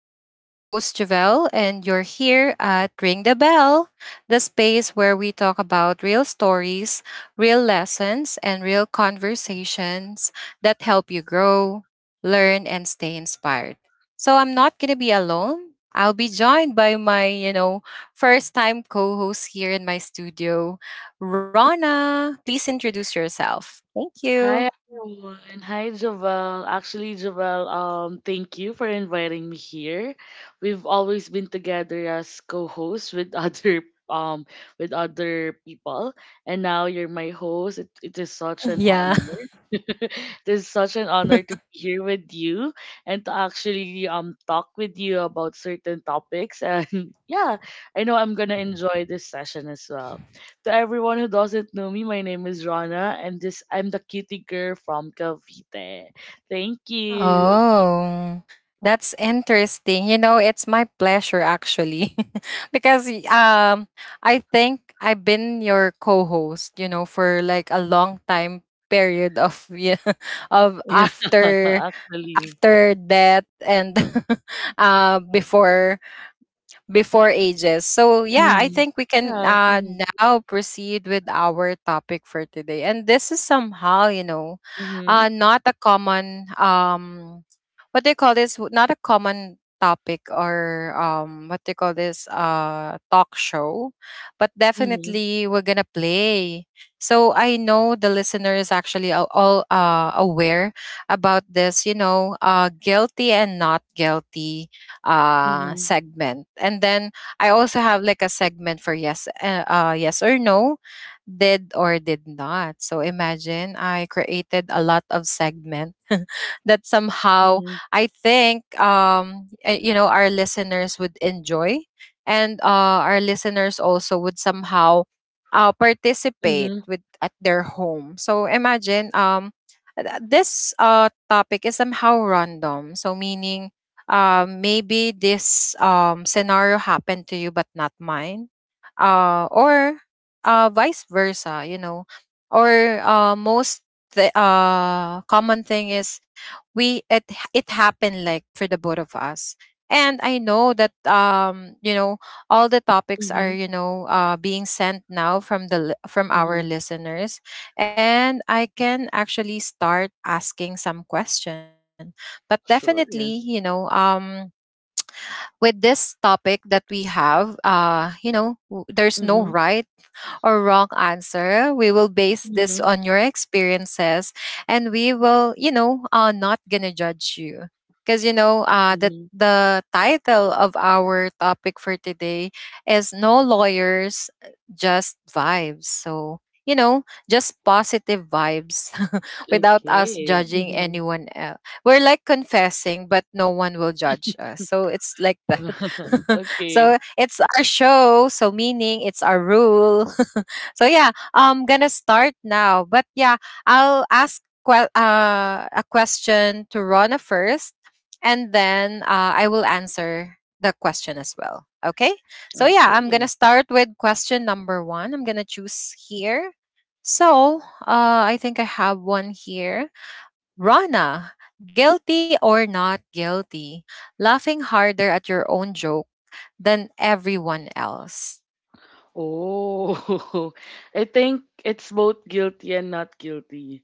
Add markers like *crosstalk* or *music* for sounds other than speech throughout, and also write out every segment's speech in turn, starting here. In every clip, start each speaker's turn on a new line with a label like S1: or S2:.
S1: I'm your host Javelle and you're here at Ring the Bell, the space where we talk about real stories, real lessons, and real conversations that help you grow, learn, and stay inspired. So I'm not going to be alone. I'll be joined by my, you know, first time co-host here in my studio, Rana. Please introduce yourself. Thank you.
S2: Hi everyone. Hi Jovel. Actually, Jovel, thank you for inviting me here. We've always been together as co-hosts with *laughs* other um with other people, and now you're my host. It is such an
S1: *laughs*
S2: honor. *laughs* It is such an honor to be here with you and to actually talk with you about certain topics. *laughs* And yeah, I know I'm gonna enjoy this session as well. To everyone who doesn't know me, my name is Rana, and this I'm the cutie girl from Cavite. Thank you.
S1: Oh, that's interesting. You know, it's my pleasure actually *laughs* because I think I've been your co-host, you know, for like a long time period of *laughs* yeah, of
S2: Yeah, *laughs*
S1: after
S2: actually.
S1: after death and *laughs* before before ages. So yeah, I
S2: Mm-hmm.
S1: think we can
S2: Yeah. Mm-hmm.
S1: now proceed with our topic for today. And this is somehow, you know,
S2: Mm-hmm.
S1: not a common what do you call this? Not a common topic or what do you call this? Talk show, but
S2: Mm-hmm.
S1: definitely we're gonna play. So I know the listener is actually all aware about this. You know, guilty and not guilty
S2: Mm-hmm.
S1: segment and then I also have like a segment for yes or no, did or did not. So imagine I created a lot of segment *laughs* that somehow
S2: Mm-hmm.
S1: I think you know, our listeners would enjoy and our listeners also would somehow participate with at their home. So imagine this topic is somehow random, so meaning maybe this scenario happened to you but not mine, or vice versa, you know, or most the common thing is we it it happened like for the both of us. And I know that you know all the topics are,
S2: Mm-hmm.
S1: you know, being sent now from the from our
S2: Mm-hmm.
S1: listeners, and I can actually start asking some question. But definitely,
S2: Sure.
S1: you know, with this topic that we have, you know, there's no
S2: Mm-hmm.
S1: right or wrong answer. We will base this
S2: Mm-hmm.
S1: on your experiences and we will, you know, not gonna judge you. Because, you know, the
S2: Mm-hmm.
S1: the title of our topic for today is "No Lawyers, Just Vibes." So, you know, just positive vibes, *laughs* without us
S2: Okay.
S1: judging
S2: Mm-hmm.
S1: anyone else. We're like confessing, but no one will judge us. So it's like that.
S2: *laughs*
S1: *laughs*
S2: Okay.
S1: So it's our show, so meaning it's our rule. *laughs* So yeah, I'm gonna start now. But yeah, I'll ask a question to Rona first, and then I will answer the question as well. Okay. So yeah, I'm
S2: Okay.
S1: gonna start with question number one. I'm gonna choose here. So I think I have one here. Rana, guilty or not guilty? Laughing harder at your own joke than everyone else.
S2: Oh, *laughs* I think it's both guilty and not guilty.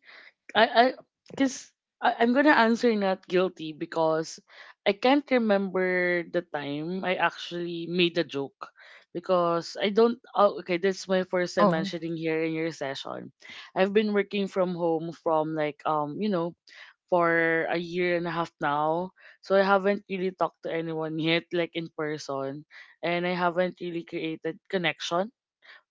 S2: I because I'm gonna answer not guilty because I can't remember the time I actually made a joke because I don't. Oh, okay,
S1: Oh,
S2: this is my first time mentioning here in your session. I've been working from home from like for a year and a half now, so I haven't really talked to anyone *laughs* yet like in person, and I haven't really created connection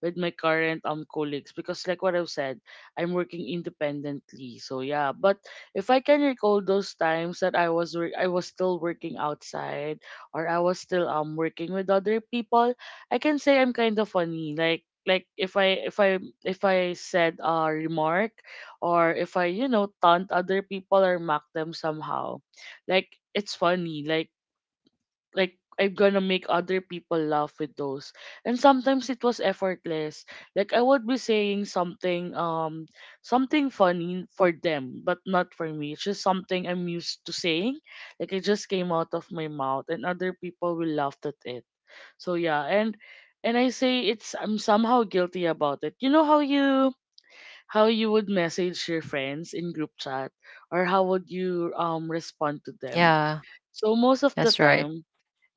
S2: with my current colleagues because like what I've said, I'm working independently. So yeah, but if I can recall those times that I was work I was still working outside, or I was still working with other people, I can say I'm kind of funny. Like if I said a remark, or if I taunt other people or mock them somehow, like it's funny. Like I'm gonna make other people laugh with those. And sometimes it was effortless. Like I would be saying something funny for them, but not for me. It's just something I'm used to saying. Like it just came out of my mouth and other people will laugh at it. So yeah, and I say it's, I'm somehow guilty about it. You know how you would message your friends in group chat, or how would you respond to them?
S1: yeah,
S2: So most of
S1: that's
S2: the
S1: right.
S2: time,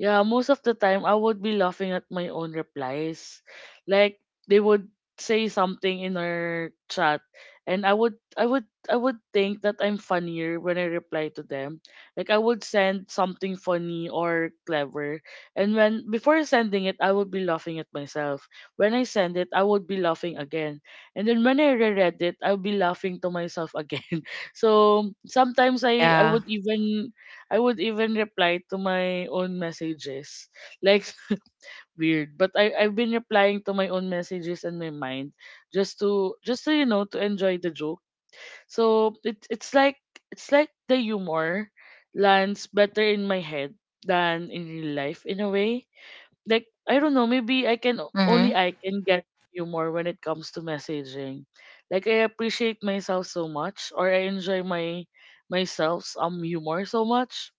S2: yeah, most of the time I would be laughing at my own replies. Like they would say something in our chat, and I would think that I'm funnier when I reply to them. Like I would send something funny or clever, and when before sending it I would be laughing at myself. When I send it I would be laughing again. And then when I reread it I'll be laughing to myself again. *laughs* So sometimes I
S1: Yeah.
S2: would even reply to my own messages. Like *laughs* weird, but I've been replying to my own messages in my mind, just to, just so you know, to enjoy the joke. So it's like the humor lands better in my head than in real life in a way. Like I don't know, maybe I can only
S1: Mm-hmm.
S2: I can get humor when it comes to messaging. Like I appreciate myself so much, or I enjoy my myself's humor so much.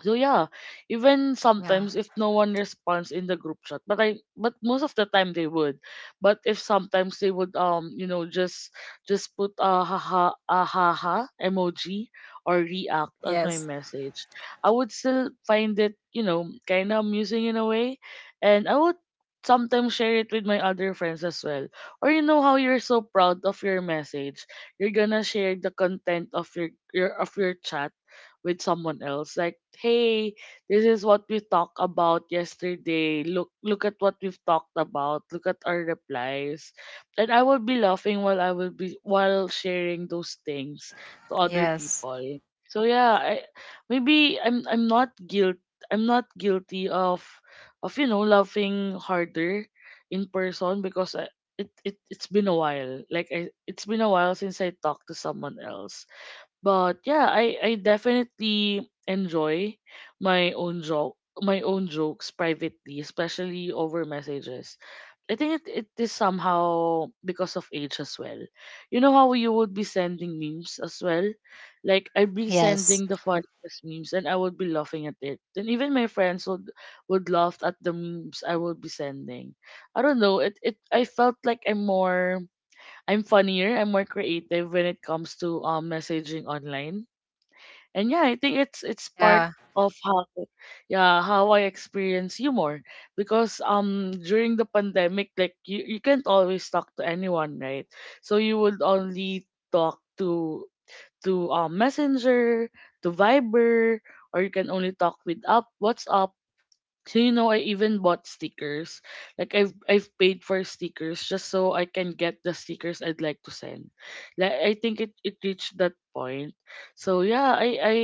S2: So yeah, even
S1: Yeah.
S2: sometimes if no one responds in the group chat, but I but most of the time they would. But if sometimes they would just put a haha emoji, or react at my
S1: Yes.
S2: message, I would still find it kind of amusing in a way, and I would sometimes share it with my other friends as well. Or you know how you're so proud of your message, you're gonna share the content of your chat with someone else, like hey, this is what we talked about yesterday, look at what we've talked about, look at our replies. And I will be laughing while I will be while sharing those things to other
S1: Yes.
S2: people. So yeah, I maybe I'm not guilty of laughing harder in person. Because it's been a while. Like I, it's been a while since I talked to someone else. But yeah, I definitely enjoy my own jokes privately, especially over messages. I think it is somehow because of age as well. You know how you would be sending memes as well? Like I'd be
S1: Yes.
S2: sending the funniest memes and I would be laughing at it. And even my friends would laugh at the memes I would be sending. I don't know, it I felt like I'm more, I'm funnier, I'm more creative when it comes to messaging online. And yeah, I think it's part
S1: Yeah.
S2: of how, yeah, how I experience humor, because during the pandemic, like you can't always talk to anyone, right? So you would only talk to Messenger, to Viber, or you can only talk with up WhatsApp. So I even bought stickers. Like I've paid for stickers, just so I can get the stickers I'd like to send. Like I think it reached that point. So yeah,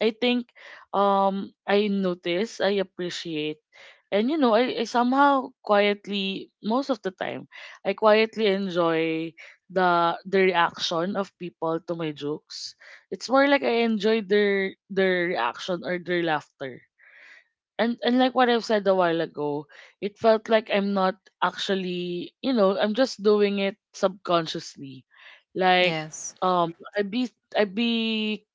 S2: I think I notice, I appreciate, and I somehow quietly most of the time I quietly enjoy the reaction of people to my jokes. It's more like I enjoy their reaction or their laughter. And like what I've said a while ago, it felt like I'm not actually, I'm just doing it subconsciously. Like
S1: Yes.
S2: um I'd be I'd be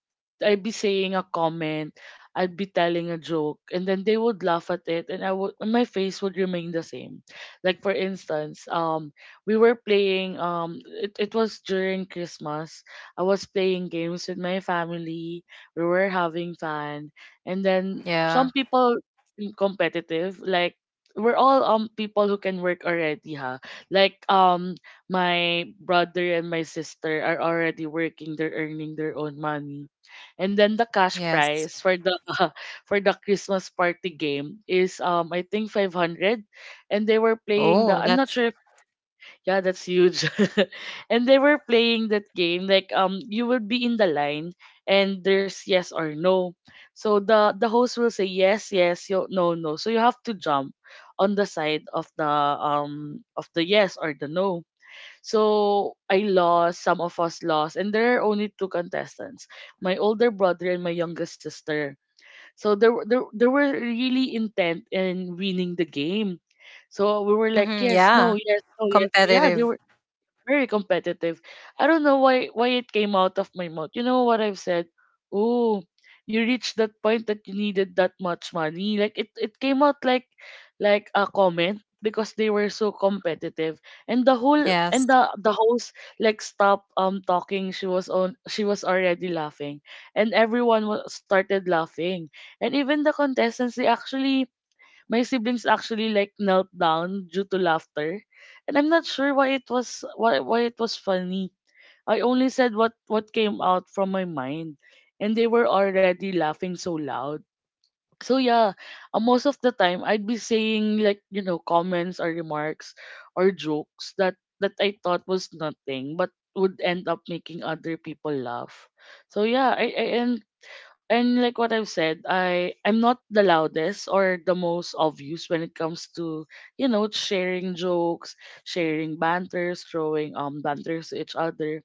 S2: I'd be saying a comment, I'd be telling a joke, and then they would laugh at it, and my face would remain the same. Like for instance, we were playing it was during Christmas. I was playing games with my family, we were having fun, and then
S1: Yeah.
S2: some people competitive. Like we're all people who can work already, huh? Like my brother and my sister are already working. They're earning their own money, and then the cash
S1: Yes.
S2: prize for the *laughs* for the Christmas party game is I think 500, and they were playing the
S1: Oh,
S2: I'm not
S1: that's
S2: sure, yeah, that's huge. *laughs* And they were playing that game like you will be in the line, and there's yes or no. So the host will say yes, yes, yo, no, no. So you have to jump on the side of the yes or the no. So I lost, some of us lost, and there are only two contestants, my older brother and my youngest sister. So there were really intent in winning the game. So we were like,
S1: hmm
S2: yes, no,
S1: yeah.
S2: yes, no, yes. Yeah, they
S1: Competitive.
S2: were very competitive. I don't know why it came out of my mouth. You know what I've said? Oh, you reached that point that you needed that much money. Like it came out like a comment because they were so competitive. And the whole and
S1: Yes.
S2: the host like stopped talking. She was already laughing. And everyone started laughing. And even the contestants, they actually, my siblings actually like knelt down due to laughter, and I'm not sure why it was funny. I only said what came out from my mind, and they were already laughing so loud. So yeah, most of the time I'd be saying like comments or remarks, or jokes that I thought was nothing, but would end up making other people laugh. So yeah, I and like what I've said, I'm not the loudest or the most obvious when it comes to sharing jokes, sharing banters, throwing banters to each other.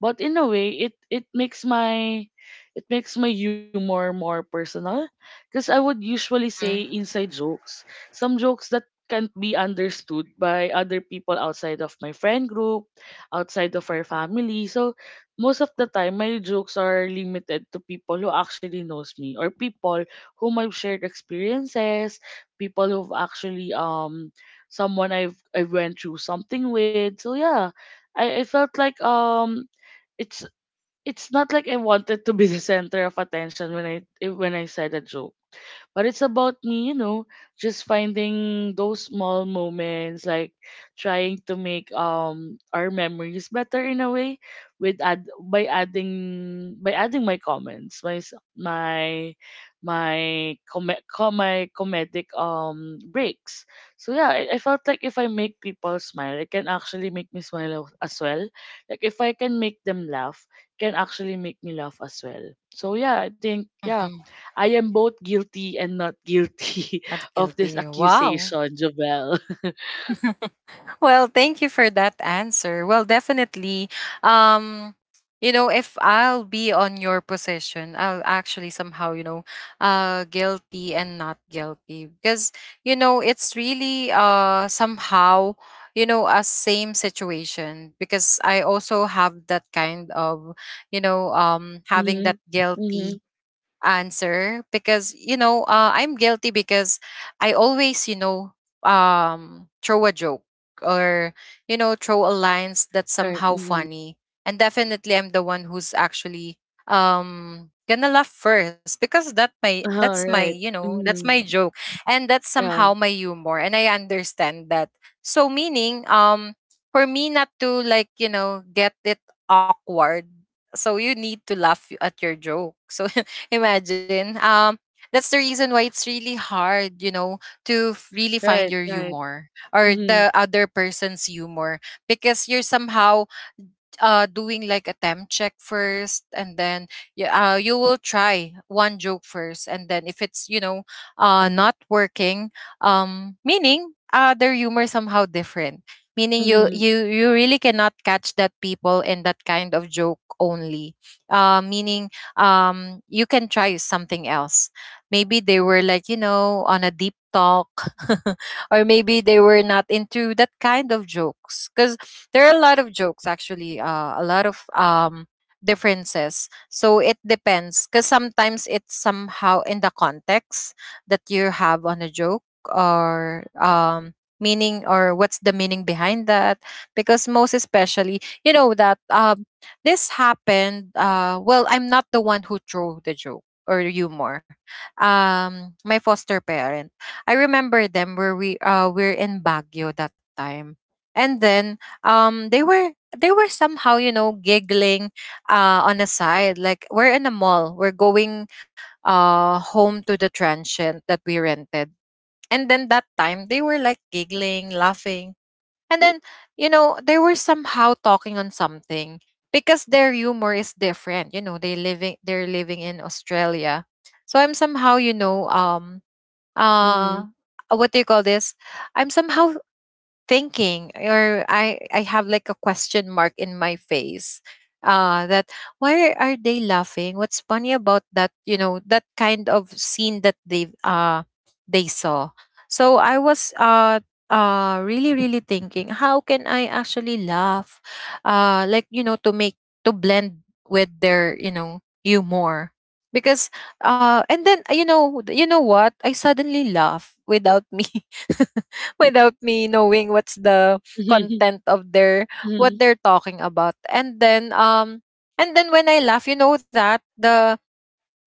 S2: But in a way, it makes my humor more personal, because I would usually say
S1: Mm-hmm.
S2: inside jokes, some jokes that can't be understood by other people outside of my friend group, outside of our family. So most of the time, my jokes are limited to people who actually knows me, or people whom I've shared experiences, people who've actually someone I went through something with. So yeah, I felt like it's it's not like I wanted to be the center of attention when when I said a joke. But it's about me, just finding those small moments, like trying to make our memories better in a way, with add by adding my comments, my my my comedic breaks. So yeah, I felt like if I make people smile, it can actually make me smile as well. Like if I can make them laugh, can actually make me laugh as well. So yeah, I think, yeah,
S1: Mm-hmm.
S2: I am both guilty and not guilty
S1: Not
S2: *laughs* of this
S1: guilty. Wow.
S2: accusation, Jobel. *laughs*
S1: Well, thank you for that answer. Well, definitely. Um, you know, if I'll be on your position, I'll actually somehow, you know, guilty and not guilty. Because, you know, it's really somehow, you know, a same situation. Because I also have that kind of, you know, having
S2: Mm-hmm.
S1: that
S2: Mm-hmm.
S1: guilty answer because, you know, I'm guilty because I always, you know, throw a joke or, you know, throw a lines that's
S2: Right.
S1: somehow
S2: Mm-hmm.
S1: funny. And definitely I'm the one who's actually gonna laugh first, because that my
S2: Uh,
S1: that's my
S2: right.
S1: you know, that's
S2: Mm-hmm.
S1: my joke. And that's
S2: Yeah.
S1: somehow my humor and I understand that. So meaning um, for me not to, like, you know, get it awkward, so you need to laugh at your joke. So *laughs* imagine. That's the reason why it's really hard, you know, to really find
S2: Right.
S1: your
S2: Right.
S1: humor or
S2: Mm-hmm.
S1: the other person's humor, because you're somehow doing like a temp check first, and then you, you will try one joke first, and then if it's, you know, not working, meaning their humor somehow different, meaning you
S2: Mm-hmm.
S1: you you really cannot catch that people in that kind of joke only uh, meaning um, you can try something else. Maybe they were like, you know, on a deep talk, *laughs* or maybe they were not into that kind of jokes, cuz there are a lot of jokes actually, a lot of differences. So it depends, because sometimes it's somehow in the context that you have on a joke, or meaning or what's the meaning behind that. Because most especially, you know, that this happened, uh, well, I'm not the one who threw the joke or humor. Um, my foster parent, I remember them, where we we're in Baguio that time. And then um, they were somehow, you know, giggling on the side. Like we're in a mall, we're going home to the transient that we rented, and then that time they were like giggling laughing. And then, you know, they were somehow talking on something, because their humor is different, you know. They living, they're living in Australia. So I'm somehow, you know, uh
S2: Mm-hmm.
S1: what do you call this, I'm somehow thinking, or I have like a question mark in my face, that why are they laughing? What's funny about that? You know, that kind of scene that they saw. So I was really really thinking how can I actually laugh, uh, like, you know, to make, to blend with their, you know, humor. Because uh, and then you know, you know what, I suddenly laugh without me *laughs* without me knowing what's the
S2: Mm-hmm.
S1: content of their, what they're talking about. And then um, and then when I laugh, you know, that the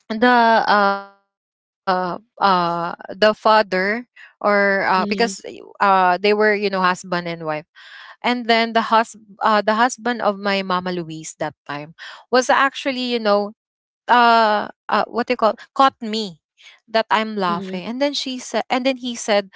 S1: the uh uh the father or uh, because
S2: Mm-hmm.
S1: they were, you know, husband and wife. And then the hus the husband of my Mama Louise that time was actually, you know, what they call, caught me, that I'm
S2: Mm-hmm.
S1: laughing. And then he said,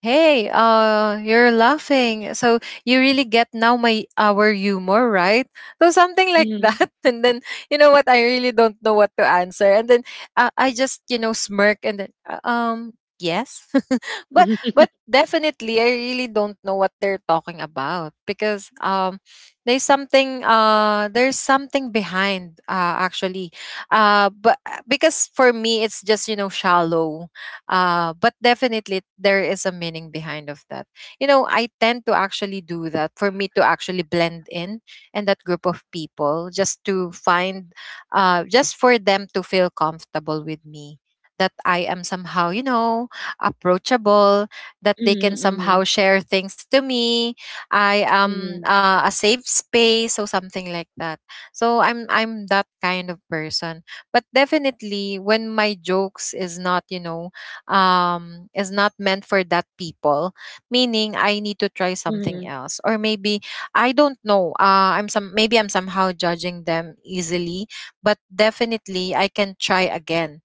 S1: "Hey, you're laughing. So you really get now my, our humor, right?" So something like
S2: Mm-hmm. Mm-hmm.
S1: that. *laughs* And then you know what? I really don't know what to answer. And then I just, you know, smirk and then um, yes, *laughs* but
S2: Mm-hmm.
S1: but definitely I really don't know what they're talking about, because there's something behind actually uh, but because for me it's just, you know, shallow, but definitely there is a meaning behind of that. You know, I tend to actually do that for me to actually blend in and that group of people, just to find just for them to feel comfortable with me, that I am somehow, you know, approachable, that they can somehow share things to me. I am
S2: Mm-hmm.
S1: a safe space, so something like that. So I'm that kind of person. But definitely when my jokes is not, you know, is not meant for that people, meaning I need to try something
S2: Mm-hmm.
S1: else. Or maybe I don't know. I'm some maybe I'm somehow judging them easily, but definitely I can try again.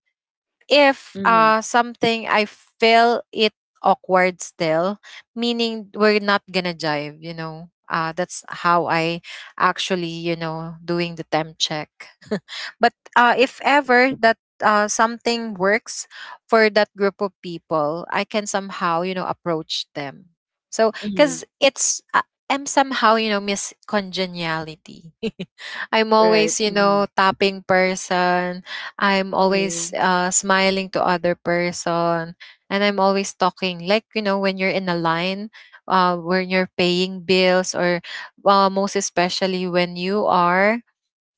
S1: If
S2: Mm-hmm.
S1: something I feel it awkward still, meaning we're not gonna jive, you know. Uh, that's how I actually, you know, doing the temp check. *laughs* But if ever that something works for that group of people, I can somehow, you know, approach them. So,
S2: Mm-hmm.
S1: because it's, I'm somehow, you know, Miss Congeniality. *laughs* I'm
S2: Right.
S1: always, you
S2: Mm-hmm.
S1: know, tapping person, I'm
S2: Mm-hmm.
S1: always smiling to other person, and I'm always talking, like, you know, when you're in a line, when you're paying bills, or most especially when you are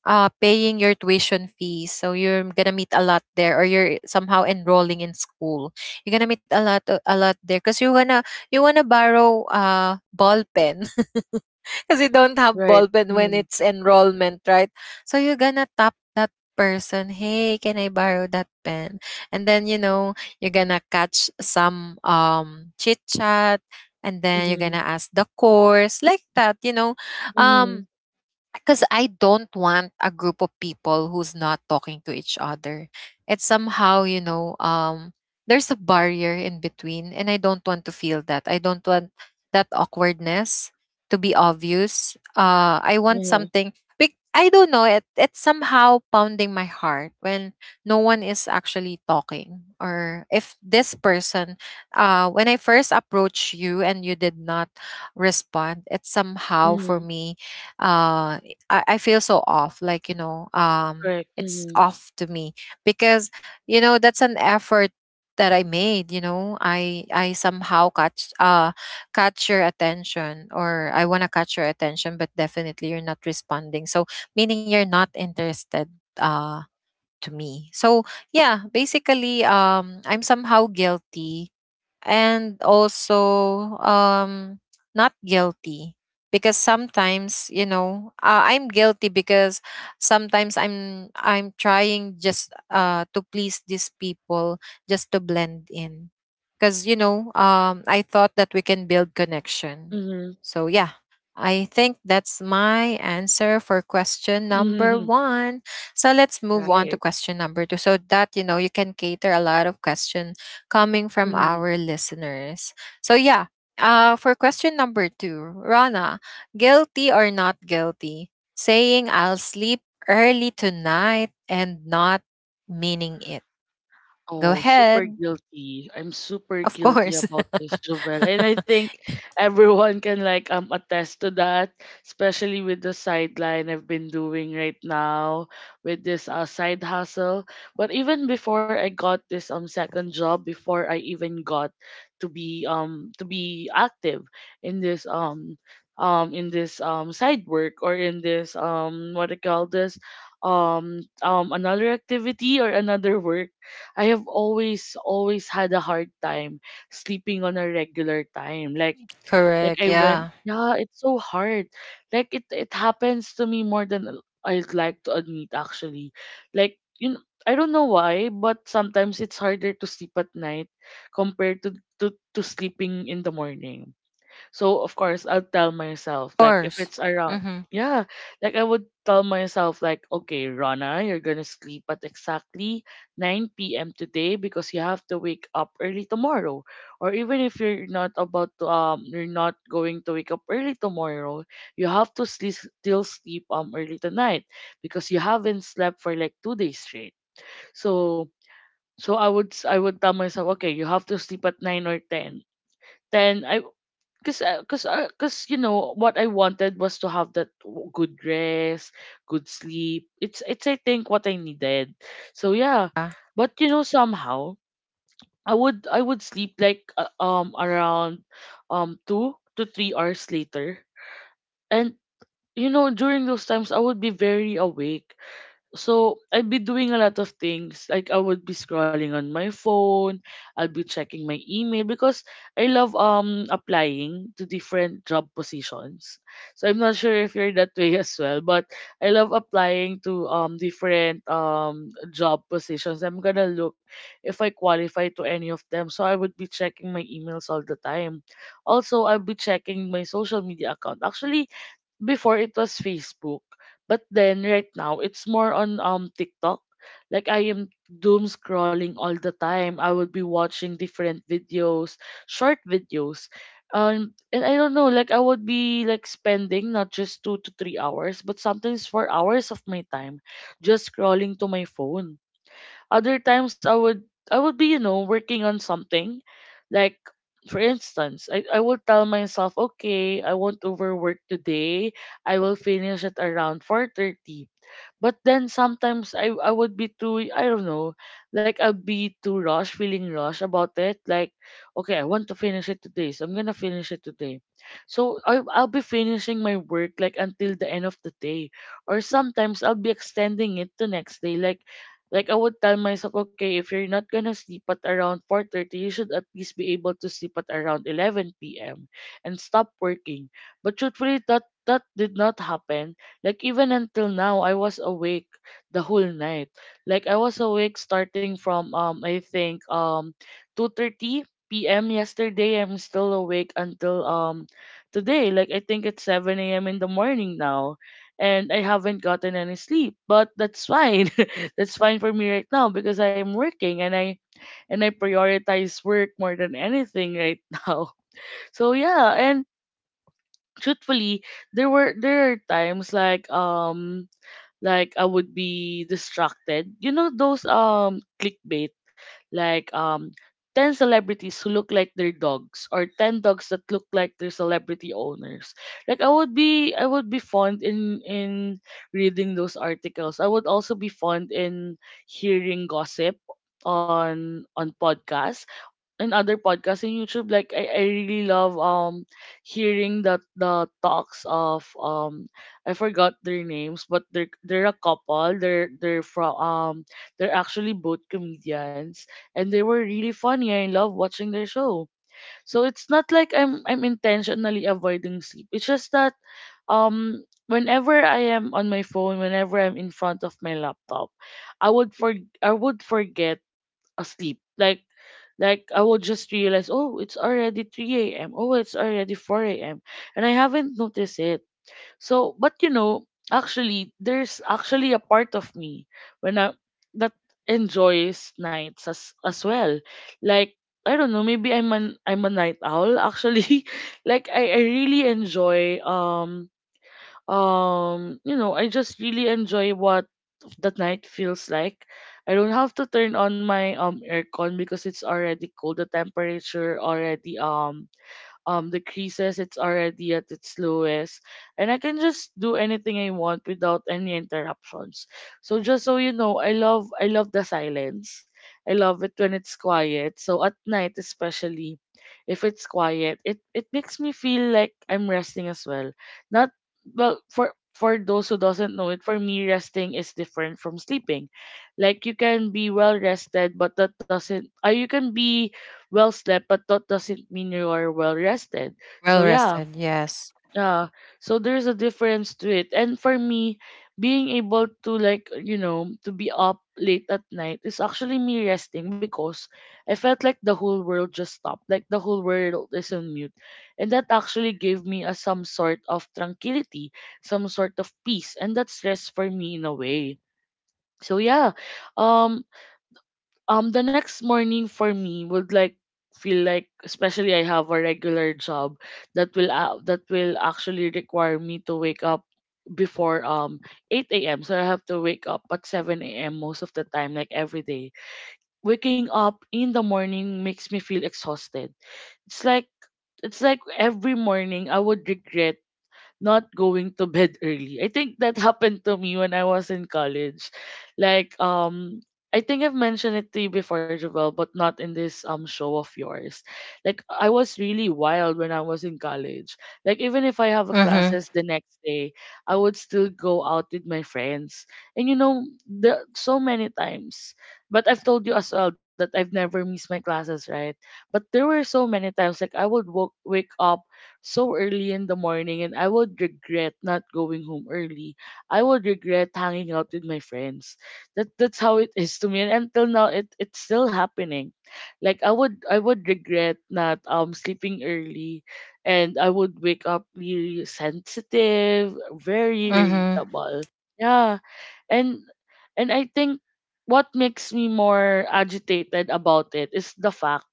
S1: paying your tuition fees, so you're gonna meet a lot there, or you're somehow enrolling in school, you're gonna meet a lot there, because you wanna, you wanna borrow ball pen. *laughs* *laughs* Because you don't have ball
S2: Right.
S1: pen when
S2: Mm-hmm.
S1: it's enrollment, right? So you're gonna tap that person, "Hey, can I borrow that pen?" And then, you know, you're gonna catch some chit chat, and then you're
S2: Mm-hmm.
S1: gonna ask the course, like that. You know,
S2: Mm-hmm.
S1: um, because I don't want a group of people who's not talking to each other. It's somehow, you know, there's a barrier in between, and I don't want to feel that. I don't want that awkwardness to be obvious. I want
S2: Yeah.
S1: something. I don't know. It's somehow pounding my heart when no one is actually talking, or if this person, when I first approached you and you did not respond, it's somehow for
S2: Mm-hmm.
S1: me. uh I feel so off, like,
S2: Correct.
S1: it's
S2: Mm-hmm.
S1: off to me. Because that's an effort that I made. I somehow catch your attention, or I want to catch your attention, but definitely you're not responding, so meaning you're not interested uh to me. So, yeah, basically, I'm somehow guilty, and also um not guilty. Because sometimes, I'm guilty because sometimes I'm trying just to please these people, just to blend in, because I thought that we can build connection.
S2: Mm-hmm.
S1: So yeah, I think that's my answer for question number
S2: Mm-hmm.
S1: one. So let's move on to
S2: Right.
S1: question number two, so that you know you can cater a lot of questions coming from our listeners. So, yeah, for question number two, Rana, guilty or not guilty? Saying I'll sleep early tonight and not meaning it. Go
S2: Oh, super
S1: ahead.
S2: guilty. I'm super
S1: Of
S2: guilty
S1: course.
S2: about this, Jovel. And I think
S1: *laughs*
S2: everyone can like attest to that, especially with the sideline I've been doing right now with this side hustle. But even before I got this second job, before I even got to be active in this side work, or in this what I call this another activity or another work, I have always always had a hard time sleeping on a regular time. Like
S1: Correct.
S2: like I
S1: Yeah. Of
S2: went, yeah, it's so hard. Like it happens to me more than I'd like to admit actually. Like you know, I don't know why, but sometimes it's harder to sleep at night compared to sleeping in the morning. So of course I'll tell myself like if
S1: course.
S2: it's around,
S1: Mm-hmm.
S2: yeah, like I would tell myself like okay, Rana, you're going to sleep at exactly 9 p.m. today because you have to wake up early tomorrow. Or even if you're not going to wake up early tomorrow, you have to sleep still sleep early tonight because you haven't slept for like 2 days straight. So so I would I would tell myself okay, you have to sleep at 9 or 10. Then cause, you know, what I wanted was to have that good rest, good sleep. It's, I think, what I needed. So yeah,
S1: Yeah.
S2: but you know, somehow I would sleep like around 2 to 3 hours later, and you know, during those times I would be very awake. So I'd be doing a lot of things. Like I would be scrolling on my phone, I'll be checking my email because I love applying to different job positions. So I'm not sure if you're that way *laughs* as well, but I love applying to different job positions. I'm gonna look if I qualify to any of them. So I would be checking my emails all the time. Also, I'll be checking my social media account. Actually, before it was Facebook, but then right now it's more on TikTok. Like I am doom scrolling all the time. I would be watching different videos, short videos. And I don't know, like I would be like spending not just 2 to 3 hours, but sometimes 4 hours of my time just scrolling to my phone. Other times I would be, you know, working on something. Like for instance, I would tell myself, okay, I won't overwork today. I will finish at around 4:30. But then sometimes I would be too, I don't know, like I'll be too rushed, feeling rushed about it. Like, okay, I want to finish it today, so I'm gonna finish it today. So I'll be finishing my work like until the end of the day, or sometimes I'll be extending it to next day. Like I would tell myself, okay, if you're not gonna sleep at around 4:30, you should at least be able to sleep at around 11 p.m. and stop working. But truthfully, that did not happen. Like even until now, I was awake the whole night. Like I was awake starting from I think 2:30 p.m. yesterday. I'm still awake until today. Like I think it's 7 a.m. in the morning now. And I haven't gotten any sleep, but that's fine. *laughs* That's fine for me right now because I am working and I prioritize work more than anything right *laughs* now. So yeah, and truthfully, there are times like I would be distracted. You know those clickbait, like 10 celebrities who look like their dogs or 10 dogs that look like their celebrity owners. Like I would be fond in reading those articles. I would also be fond in hearing gossip on podcasts in other podcasts in YouTube. Like I really love hearing the talks of I forgot their names, but they're a couple. They're actually both comedians, and they were really funny. I love watching their show. So it's not like I'm intentionally avoiding sleep. It's just that whenever I am on my phone, whenever I'm in front of my laptop, I would for I would forget asleep. Like I will just realize, oh, it's already 3 a.m. Oh, it's already 4 a.m. And I haven't noticed it. So, but you know, actually, there's actually a part of me when I that enjoys nights as well. Like I don't know, maybe I'm a night owl actually. *laughs* Like I really enjoy I just really enjoy what of the night feels like. I don't have to turn on my aircon because it's already cold. The temperature already the creases, it's already at its lowest, and I can just do anything I want without any interruptions. So just so you know, I love the silence. I love it when it's quiet. So at night especially if it's quiet, it makes me feel like I'm resting as well. Not. Well, for those who doesn't know it, for me resting is different from sleeping. Like you can be well rested, but that doesn't. You can be well slept, but that doesn't mean you are well rested.
S1: Well
S2: So yeah,
S1: rested. Yes.
S2: yeah. So there's a difference to it. And for me, being able to like to be up late at night is actually me resting because I felt like the whole world just stopped, like the whole world is on mute, and that actually gave me a some sort of tranquility, some sort of peace, and that's rest for me in a way. So yeah, um, the next morning for me would like feel like, especially I have a regular job that will actually require me to wake up before 8 a.m. So I have to wake up at 7 a.m. most of the time, like every day. Waking up in the morning makes me feel exhausted. It's like it's like every morning I would regret not going to bed early. I think that happened to me when I was in college. Like I think I've mentioned it to you before, Javel, but not in this show of yours. Like I was really wild when I was in college. Like even if I have a
S1: Mm-hmm.
S2: classes the next day, I would still go out with my friends. And you know, the so many times. But I've told you as well that I've never missed my classes, right? But there were so many times like I would wake up so early in the morning, and I would regret not going home early. I would regret hanging out with my friends. That that's how it is to me, and until now it's still happening. Like I would regret not sleeping early, and I would wake up really sensitive, very
S1: Mm-hmm.
S2: irritable. Yeah, and and I think what makes me more agitated about it is the fact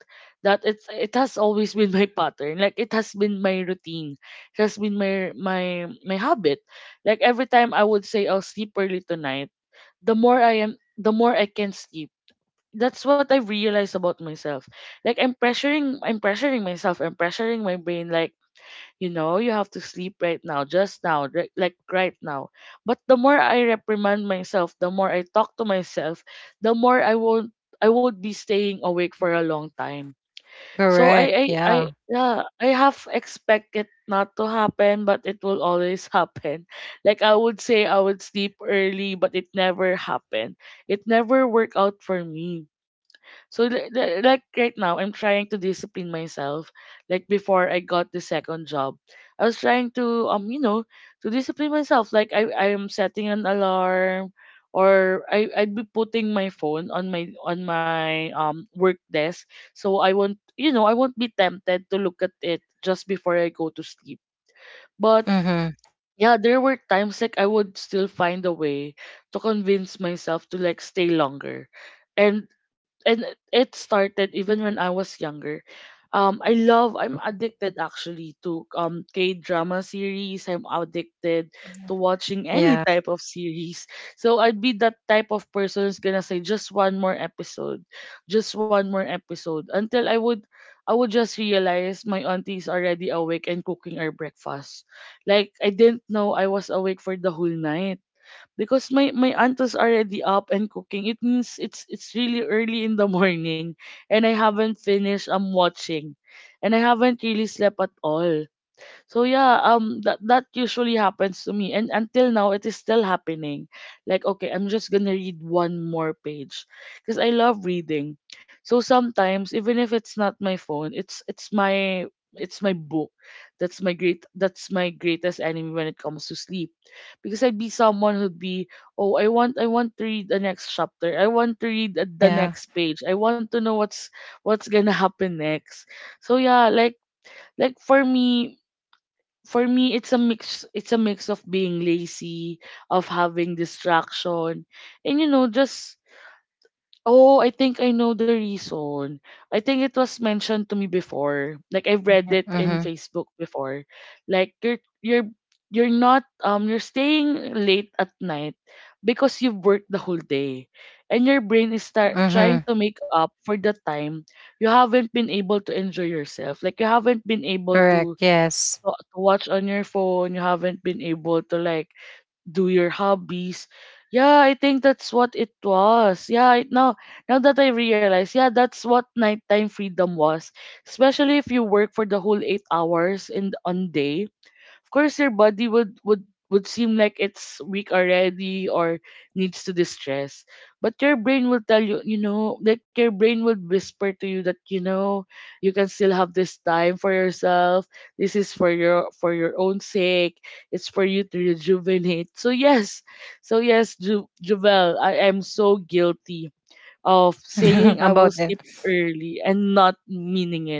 S2: that it has always been my pattern, like it has been my routine, it has been my habit. Like every time I would say I'll sleep early tonight, the more I am the more I can sleep. That's what I realized about myself. Like I'm pressuring, I'm pressuring myself, I'm pressuring my brain, like you know, you have to sleep right now, just now, right, like right now. But the more I reprimand myself, the more I talk to myself, the more I won't, I would be staying awake for a long time. So
S1: Correct. Yeah.
S2: yeah, I have expect it not to happen, but it will always *laughs* happen. Like I would say I would sleep early, but it never happened. It never worked out for me. So like right now, I'm trying to discipline myself. Like before I got the second job, I was trying to to discipline myself. Like I am setting an alarm, or I'd be putting my phone on my work desk, so I won't you know I won't be tempted to look at it just before I go to sleep. But
S1: Mm-hmm.
S2: yeah, there were times like I would still find a way to convince myself to like stay longer. And and it started even when I was younger. I love. I'm addicted actually to K drama series. I'm addicted to watching any
S1: Yeah.
S2: type of series. So I'd be that type of person who's gonna say just one more episode, just one more episode until I would. I would just realize my auntie is already awake and cooking our breakfast. Like I didn't know I was awake for the whole night because my aunt was already up and cooking. It means it's really early in the *laughs* morning and I haven't finished watching and I haven't really slept at all. So yeah, that usually happens to me and until now it is still happening. Like okay, I'm just going to read one more page because I love reading. So sometimes even if it's not my phone, it's my book. That's my greatest enemy when it comes to sleep. Because I'd be someone who'd be, "Oh, I want to read the next chapter. I want to read the
S1: Yeah.
S2: next page. I want to know what's going to *laughs* happen next." So yeah, like for me for me it's a mix of being lazy, of having distraction, and just, oh, I think I know the reason. I think it was mentioned to me before, like I've read it in
S1: Mm-hmm.
S2: Facebook before, like you're not you're staying late at night because you've worked the whole day and your brain is start trying
S1: Mm-hmm.
S2: to make up for the time you haven't been able to enjoy yourself, like you haven't been able
S1: Correct. Yes.
S2: to watch on your phone, you haven't been able to like do your hobbies. Yeah, I think that's what it was. Yeah, now that I realize, yeah, that's what nighttime freedom was. Especially if you work for the whole 8 hours in on day, of course your body would would seem like it's weak already or needs to distress, but your brain will tell you, you know, like your brain would whisper to you that, you know, you can still have this time for yourself, this is for your own sake, it's for you to rejuvenate. So yes, juvel, I am so guilty of
S1: *laughs*
S2: saying I will
S1: About them.
S2: sleep early and not meaning it.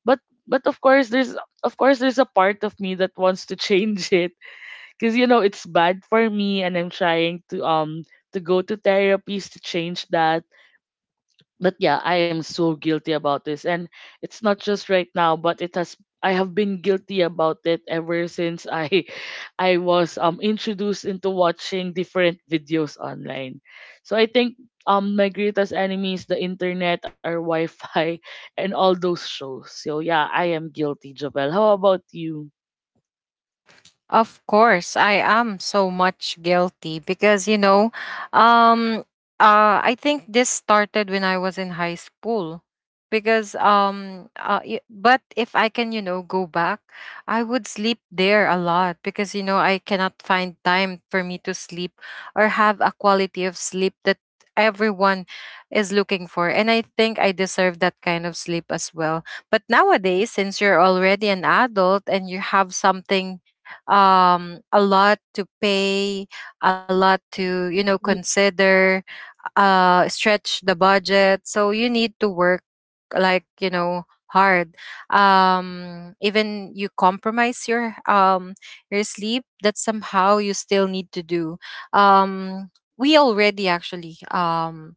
S2: But of course there's, a part of me that wants to *laughs* change it because you know it's bad for me and I'm trying to go to therapies to change that. But yeah, I am so guilty about this, and it's not just right now, but it has I have been guilty about it ever since I was introduced into watching different videos online. So I think my greatest enemies the internet, our Wi-Fi, *laughs* and all those shows. So yeah, I am guilty, Jovel. How about you?
S1: Of course, I am so much guilty because, um, I think this started when I was in high school. Because but if I can, go back, I would sleep there a lot, because I cannot find time for me to sleep or have a quality of sleep that everyone is looking for. And I think I deserve that kind of sleep as well. But nowadays, since you're already an adult and you have something a lot to pay, a lot to,
S2: Mm.
S1: consider, stretch the budget, so you need to work, like, hard. Even you compromise your, your sleep, that somehow you still need to do. um we already actually,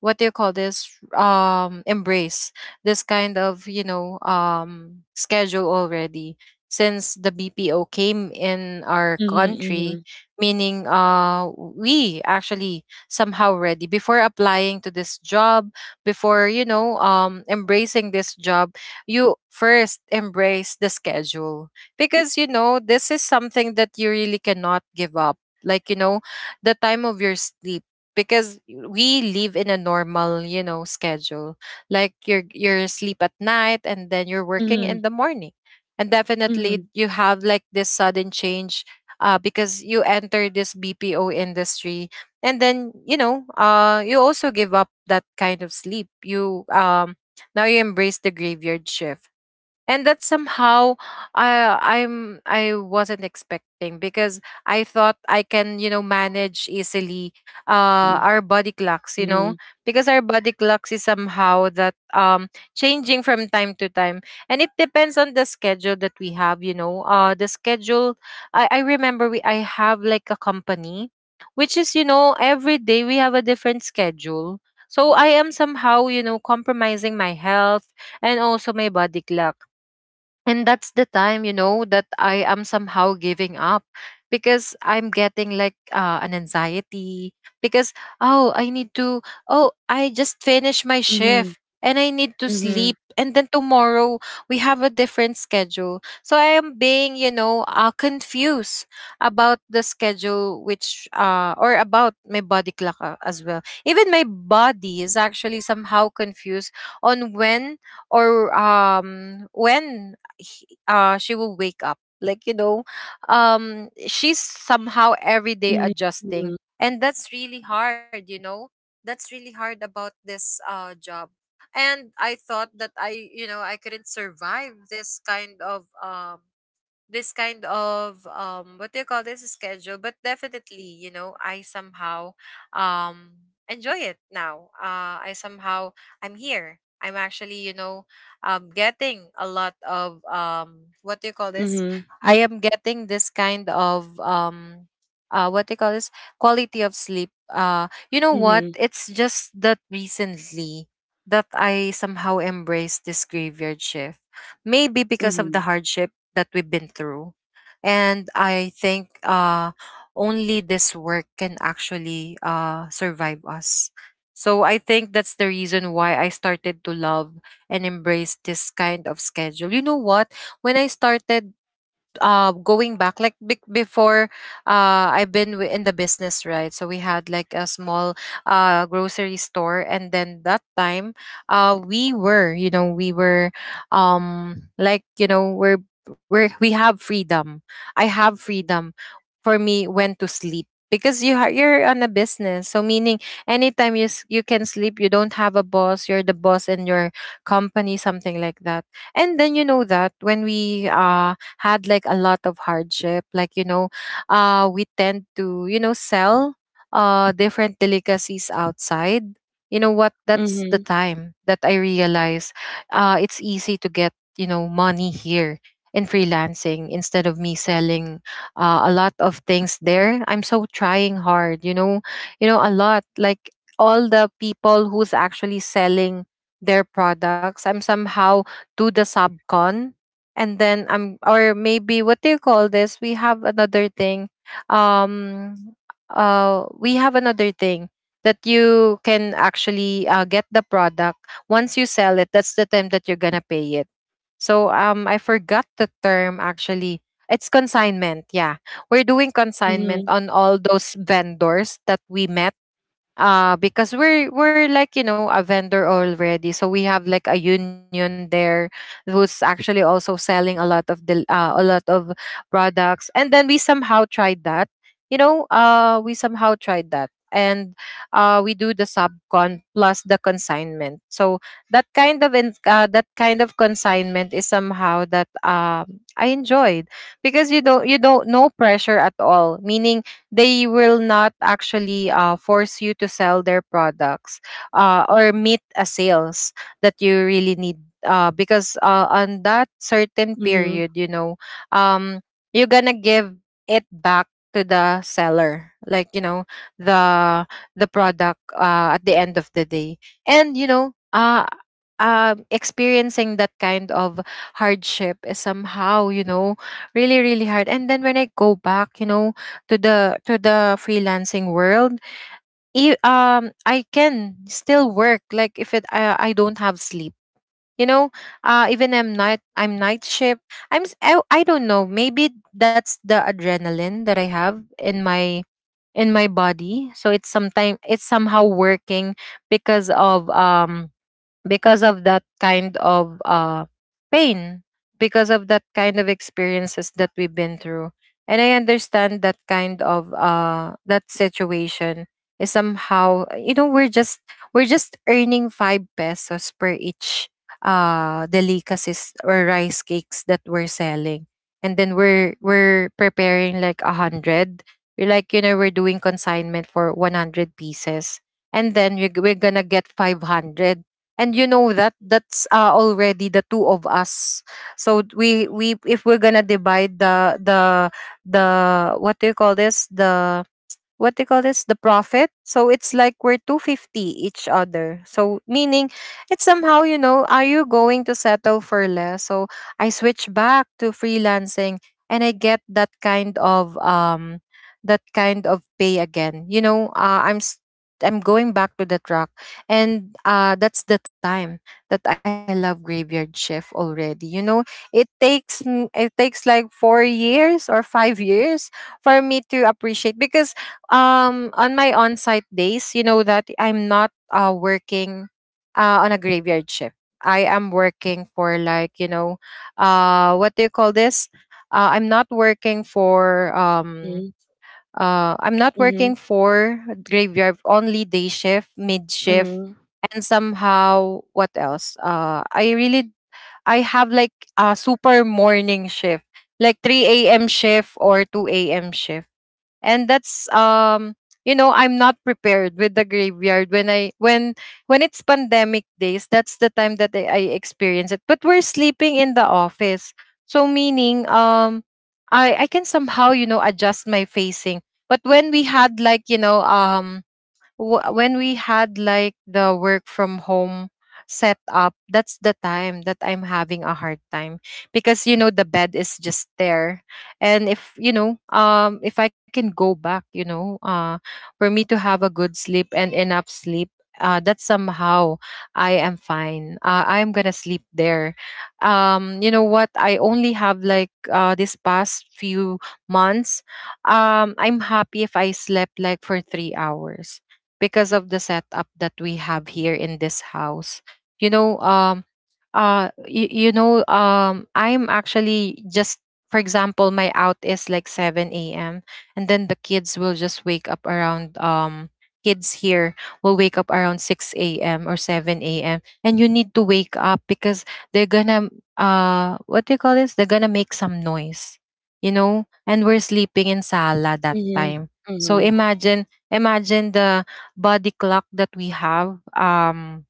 S1: what do you call this, embrace this kind of, schedule already, since the BPO came in our
S2: Mhm,
S1: country.
S2: mhm,
S1: Meaning, we actually somehow ready before applying to this job, before, embracing this job, you first embrace the schedule, because you know this is something that you really cannot give up, like, the time of your sleep. Because we live in a normal, schedule. Like, you're asleep at night, and then you're working in
S2: mhm,
S1: the morning. And definitely
S2: mhm,
S1: you have like this sudden change, because you enter this bpo industry. And then, you also give up that kind of sleep. You Now you embrace the graveyard shift, and that somehow, I wasn't expecting, because I thought I can, manage easily,
S2: mhm,
S1: our body clocks,
S2: mhm,
S1: because our body clocks is somehow that, changing from time to time. And it depends on the schedule that we have. The schedule, I remember I have like a company, which is, every day we have a different schedule. So I am somehow, compromising my health and also my body clock. And that's the time, that I am somehow giving up, because I'm getting like, an anxiety, because, oh, I need to. Oh, I just finished my
S2: mhm,
S1: shift and I need to
S2: mhm,
S1: sleep. And then tomorrow we have a different schedule. So I am being, confused about the schedule, which, or about my body clock, as well. Even my body is actually somehow confused on when, or when, she will wake up. Like, she's somehow every day
S2: mhm,
S1: adjusting. And that's really hard, you know? That's really hard about this, job. And I thought that, I couldn't survive this kind of what do you call this schedule. But definitely, I somehow, enjoy it now, I somehow, I'm here, I'm actually, getting a lot of, what do you call
S2: mhm,
S1: this.
S2: mhm,
S1: I am getting this kind of, what do you call this, quality of sleep. You know
S2: mhm, mhm,
S1: what,
S2: mhm,
S1: it's just that recently that I somehow embraced this graveyard shift, maybe because of the hardship that we've been through. And I think, only this work can actually, survive us. So I think that's the reason why I started to love and embrace this kind of schedule. You know what? When I started, going back, like, before, I've been, in the business, right? So we had like a small, grocery store. And then that time, we were like, we're, we have freedom. I have freedom for me when to sleep, because you're on a business, so meaning anytime you can sleep. You don't have a boss, you're the boss in your company, something like that. And then, that when we, had like a lot of hardship, like, we tend to, sell, different delicacies outside. You know what, that's the
S2: mhm,
S1: time that I realize, it's easy to get, money here in freelancing, instead of me selling, a lot of things there. I'm so trying hard, a lot, like, all the people who's actually selling their products. I'm somehow to the subcon. And then I'm, or maybe what do you call this, we have another thing. Um we have another thing that you can actually, get the product. Once you sell it, that's the time that you're gonna pay it. So, I forgot the term, actually. It's consignment. Yeah, we're doing
S2: mhm,
S1: consignment
S2: mhm,
S1: on all those vendors that we met, because we're like, a vendor already. So we have like a union there, who's actually also selling a lot of products. And then we somehow tried that you know we somehow tried that, and, we do the subcon plus the consignment. So that kind of consignment is somehow that, I enjoyed, because you don't no pressure at all. Meaning, they will not actually, force you to sell their products, or meet a sales that you really need, because, on that certain
S2: mhm,
S1: period, um, you're gonna give it back to the seller, like, the the product, at the end of the day. And, experiencing that kind of hardship is somehow, really really hard. And then when I go back, to the freelancing world, I can still work, like, if it I don't have sleep, you know even I'm night shift. I don't know, maybe that's the adrenaline that I have in my, body. So it's somehow working, because of um because of that kind of, pain, because of that kind of experiences that we've been through. And I understand that kind of, that situation is somehow, we're just earning 5 pesos per each, delicacies or rice cakes that we're selling. And then we're preparing like 100. We're like, we're doing consignment for 100 pieces. And then we're gonna get 500. And, that that's, already the two of us. So we if we're gonna divide the, the, what do you call this, the, what they call this, the profit. So it's like we're 250 each other, so meaning it's somehow, are you going to settle for less. So I switch back to freelancing and I get that kind of pay again. I'm going back to the truck. And, that's the time that I love graveyard shift already, it takes like 4 years or 5 years for me to appreciate. Because, on my on-site days, that I'm not, working, on a graveyard shift, I am working for, like, what do you call this, uh, i'm not working for um I'm not working
S2: mhm,
S1: for graveyard, only day shift, mid shift.
S2: mhm,
S1: And somehow, what else, I have like a super morning shift, like 3 a.m. shift or 2 a.m. shift. And that's, I'm not prepared with the graveyard when, I when it's pandemic days. That's the time that I experience it, but we're sleeping in the office. So meaning, I can somehow, adjust my facing. But when we had like the work from home set up, that's the time that I'm having a hard time, because the bed is just there. And if you know if I can go back, for me to have A good sleep and enough sleep, that somehow I am fine. I am gonna sleep there. You know what, I only have like this past few months. I'm happy if I slept like for 3 hours because of the setup that we have here in this house. You know, um, I'm actually just, for example, my out is like 7 a.m., and then the kids will just wake up around, kids here will wake up around 6 a.m. or 7 a.m., and you need to wake up because they're gonna, what do you call this? They're gonna make some noise, you know, and we're sleeping in sala that time. So imagine, the body clock that we have,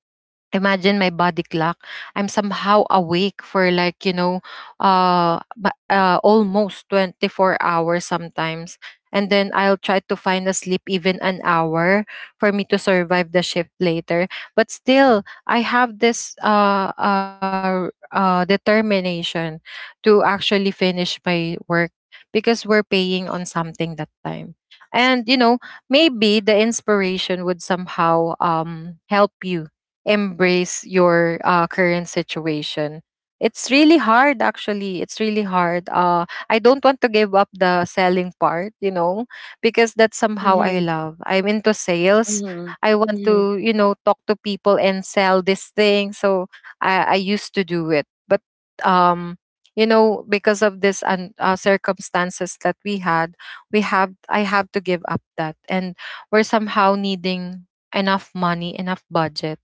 S1: imagine my body clock. I'm somehow awake for like, you know, almost 24 hours sometimes, and then I'll try to find a sleep, even an hour, for me to survive the shift later. But still, I have this determination to actually finish my work, because we're paying on something that time. And you know, maybe the inspiration would somehow help you embrace your current situation. It's really hard, actually it's really hard. I don't want to give up the selling part, you know, because that's somehow,
S2: mhm,
S1: I
S2: mhm,
S1: love, I'm into sales.
S2: mhm,
S1: I want
S2: mhm.
S1: to, you know, talk to people and sell this thing. So I used to do it, but um you know, because of this and circumstances that we have I have to give up that. And we're somehow needing enough money, enough budget,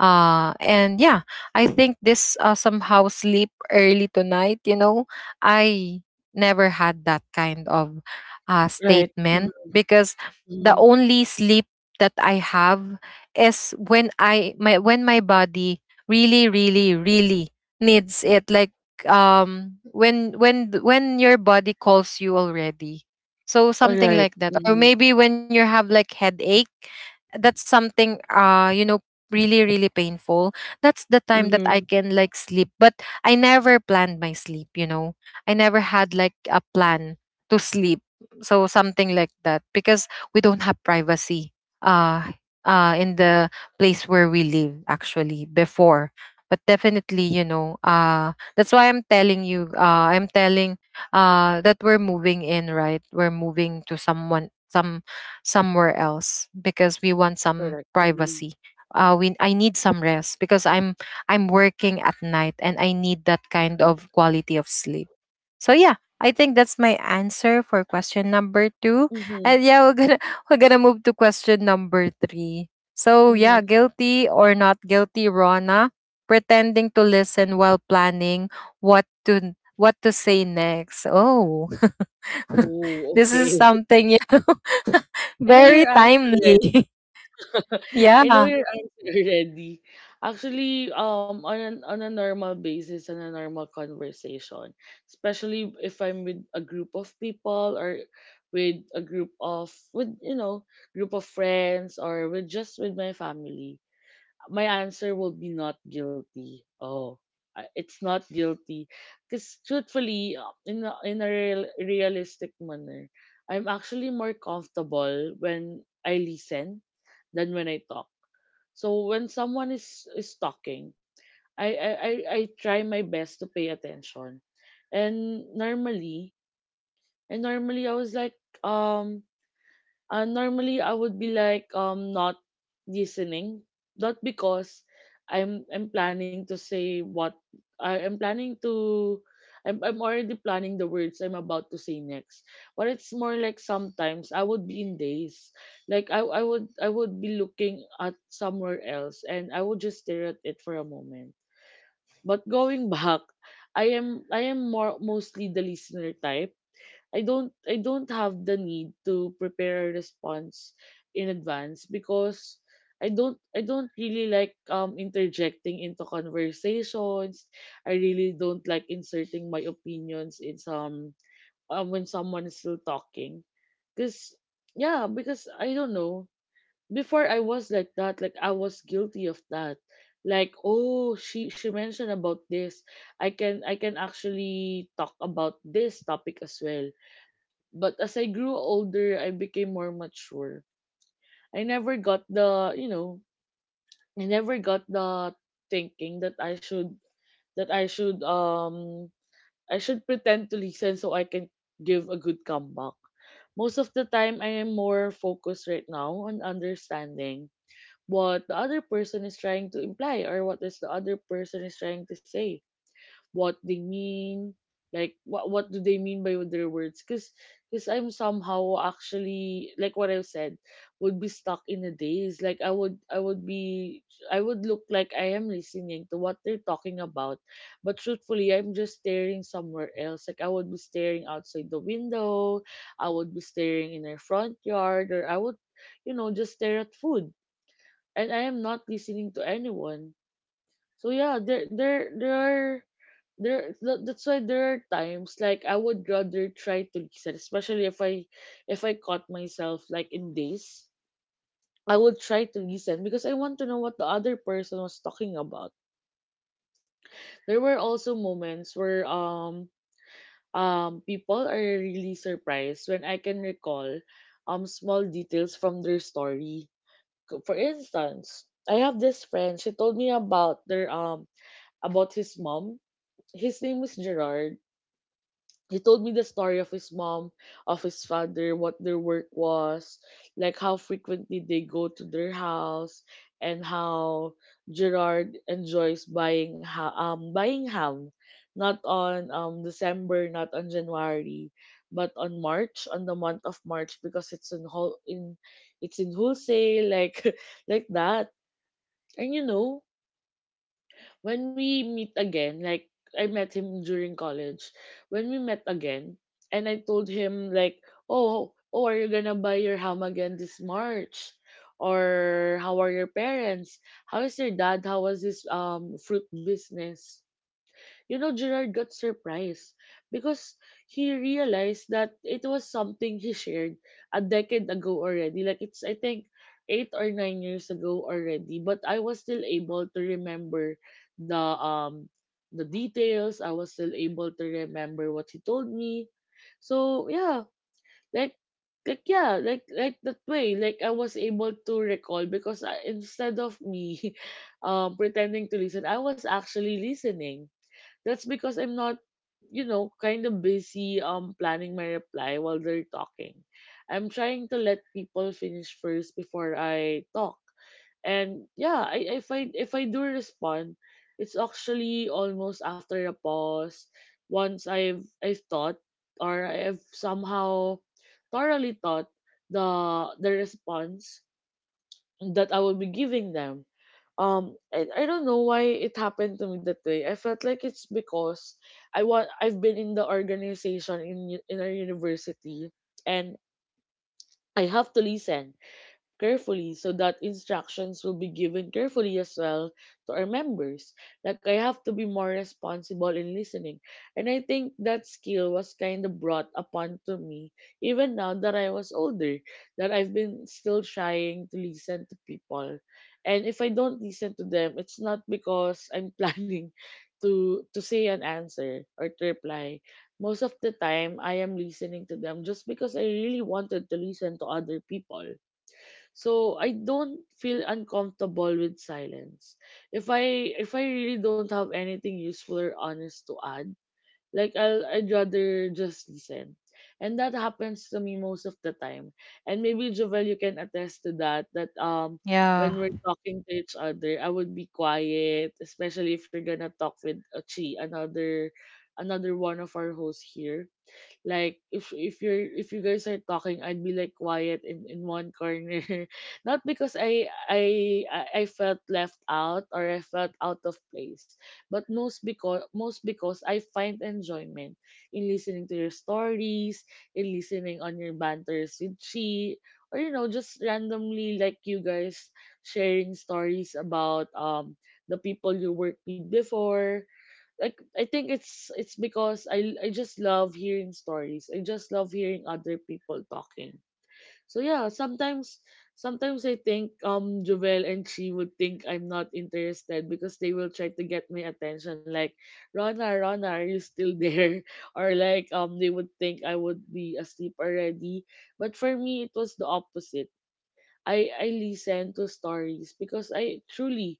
S1: and yeah, I think this somehow sleep early tonight, you know, I never had that kind of
S2: Right.
S1: statement, because the
S2: Mhm.
S1: only sleep that I have is when I my when my body really really really needs it, like when your body calls you already, so something
S2: Alright.
S1: like that. Or
S2: Mhm.
S1: maybe when you have like headache, that's something, you know, really really painful. That's the time that
S2: Mhm.
S1: I can like sleep. But I never planned my sleep, you know, I never had like a plan to sleep, so something like that. Because we don't have privacy uh in the place where we live, actually, before. But definitely, you know, that's why I'm telling you, I'm telling that we're moving in, right, we're moving to someone some somewhere else because we want some
S2: Correct. Mhm.
S1: privacy. We I need some rest because I'm, working at night and I need that kind of quality of sleep. So yeah, I think that's my answer for question number two.
S2: Mhm.
S1: And yeah, we're gonna *laughs* we're gonna move to question number three. So yeah,
S2: Mhm.
S1: guilty or not guilty, Rona, pretending to listen while planning what to say next. Oh, *laughs*
S2: Oh,
S1: this is
S2: okay. *laughs*
S1: something, yeah, *laughs*
S2: I know
S1: very
S2: your answer already.
S1: timely. *laughs*
S2: *laughs* I know
S1: Yeah.
S2: your answer already. Actually, on an, on a normal basis, on a normal conversation, especially if I'm with a group of people or with a group of, with, you know, group of friends, or with just with my family, my answer will be not guilty. Oh, it's not guilty. Because truthfully, in a real, realistic manner, I'm actually more comfortable when I listen than when I talk. So when someone is talking, I, I, I, I try my best to pay attention. And normally, and normally I was like, um, normally, I would be like not listening, not because I'm planning to say what I am planning to. I'm already planning the words I'm about to say next. But it's more like sometimes I would be in days, like I would be looking at somewhere else and I would just stare at it for a moment. But going *laughs* back, I am more mostly the listener type. I don't have the need to prepare a response in advance because I don't really like interjecting into conversations. I really don't like inserting my opinions in some, when someone is still talking. Cause yeah, because I don't know. Before I was like that, like I was guilty of that. Like, oh, she mentioned about this. I can actually talk about this topic as well. But as I grew older, I became more mature. I never got the, you know, I never got the thinking that I should, that I should um I should pretend to listen so I can give a good comeback. Most of the time I am more focused right now on understanding what the other person is trying to imply, or what is the other person is trying to say, what they mean, like what do they mean by their words. Because I'm somehow, actually, like what I said, would be stuck in a daze. Like I would be, I would look like I am listening to what they're talking about, but truthfully I'm just staring somewhere else. Like I would be staring outside the window, I would be staring in our front yard, or I would, you know, just stare at food. And I am not listening to anyone. So yeah, there are there that's why there are times like I would rather try to listen, especially if I caught myself like in days. I would try to listen because I want to know what the other person was talking about. There were also moments where people are really surprised when I can recall small details from their story. For instance, I have this friend, she told me about their about his mom. His name was Gerard. He told me the story of his mom, of his father, what their work was, like how frequently they go to their house, and how Gerard enjoys buying ham, not on December, not on January, but on March, on the month of March, because it's in whole in it's in wholesale, like *laughs* like that. And you know, when we meet again, like I met him during college. When we met again, and I told him like, "Oh, are you gonna buy your ham again this March? Or how are your parents? How is your dad? How was his fruit business?" You know, Gerard got surprised because he realized that it was something he shared a decade ago already. Like, it's, I think, 8 or 9 years ago already. But I was still able to remember the, um, the details. I was still able to remember what he told me. So, yeah, like, like that way, like I was able to recall because I, instead of me *laughs* pretending to listen, I was actually listening. That's because I'm not, you know, kind of busy planning my reply while they're talking. I'm trying to let people finish first before I talk. And yeah, if I do respond, it's actually almost after a pause, once I've thought, or I've somehow thoroughly thought the, response that I will be giving them. And I don't know why it happened to me that way. I felt like it's because I've been in the organization in our university, and I have to listen carefully so that instructions will be given carefully as well to our members. Like I have to be more responsible in listening. And I think that skill was kind of brought upon to me even now that I was older, that I've been still trying to listen to people. And if I don't listen to them, it's not because I'm *laughs* planning to say an answer or to reply. Most of the time I am listening to them just because I really wanted to listen to other people. So I don't feel uncomfortable with silence. If I really don't have anything useful or honest to add, like I'd rather just listen. And that happens to me most of the time. And maybe Jovel, you can attest to that, that when
S1: Yeah.
S2: we're talking to each other, I would be quiet, especially if you're gonna talk with Chi, another another one of our hosts here. Like if you guys are talking, I'd be like quiet in one corner. *laughs* Not because I felt left out or I felt out of place, but most because I find enjoyment in listening to your stories, in listening on your banters with Chi, or you know just randomly like you guys sharing stories about the people you worked with before. Like I think it's because I just love hearing stories. I just love hearing other people talking. So yeah, sometimes I think Jovel and she would think I'm not interested because they will try to get my attention like, Rona, Rona, are you still there? *laughs* Or like they would think I would be asleep already. But for me it was the opposite. I listen to stories because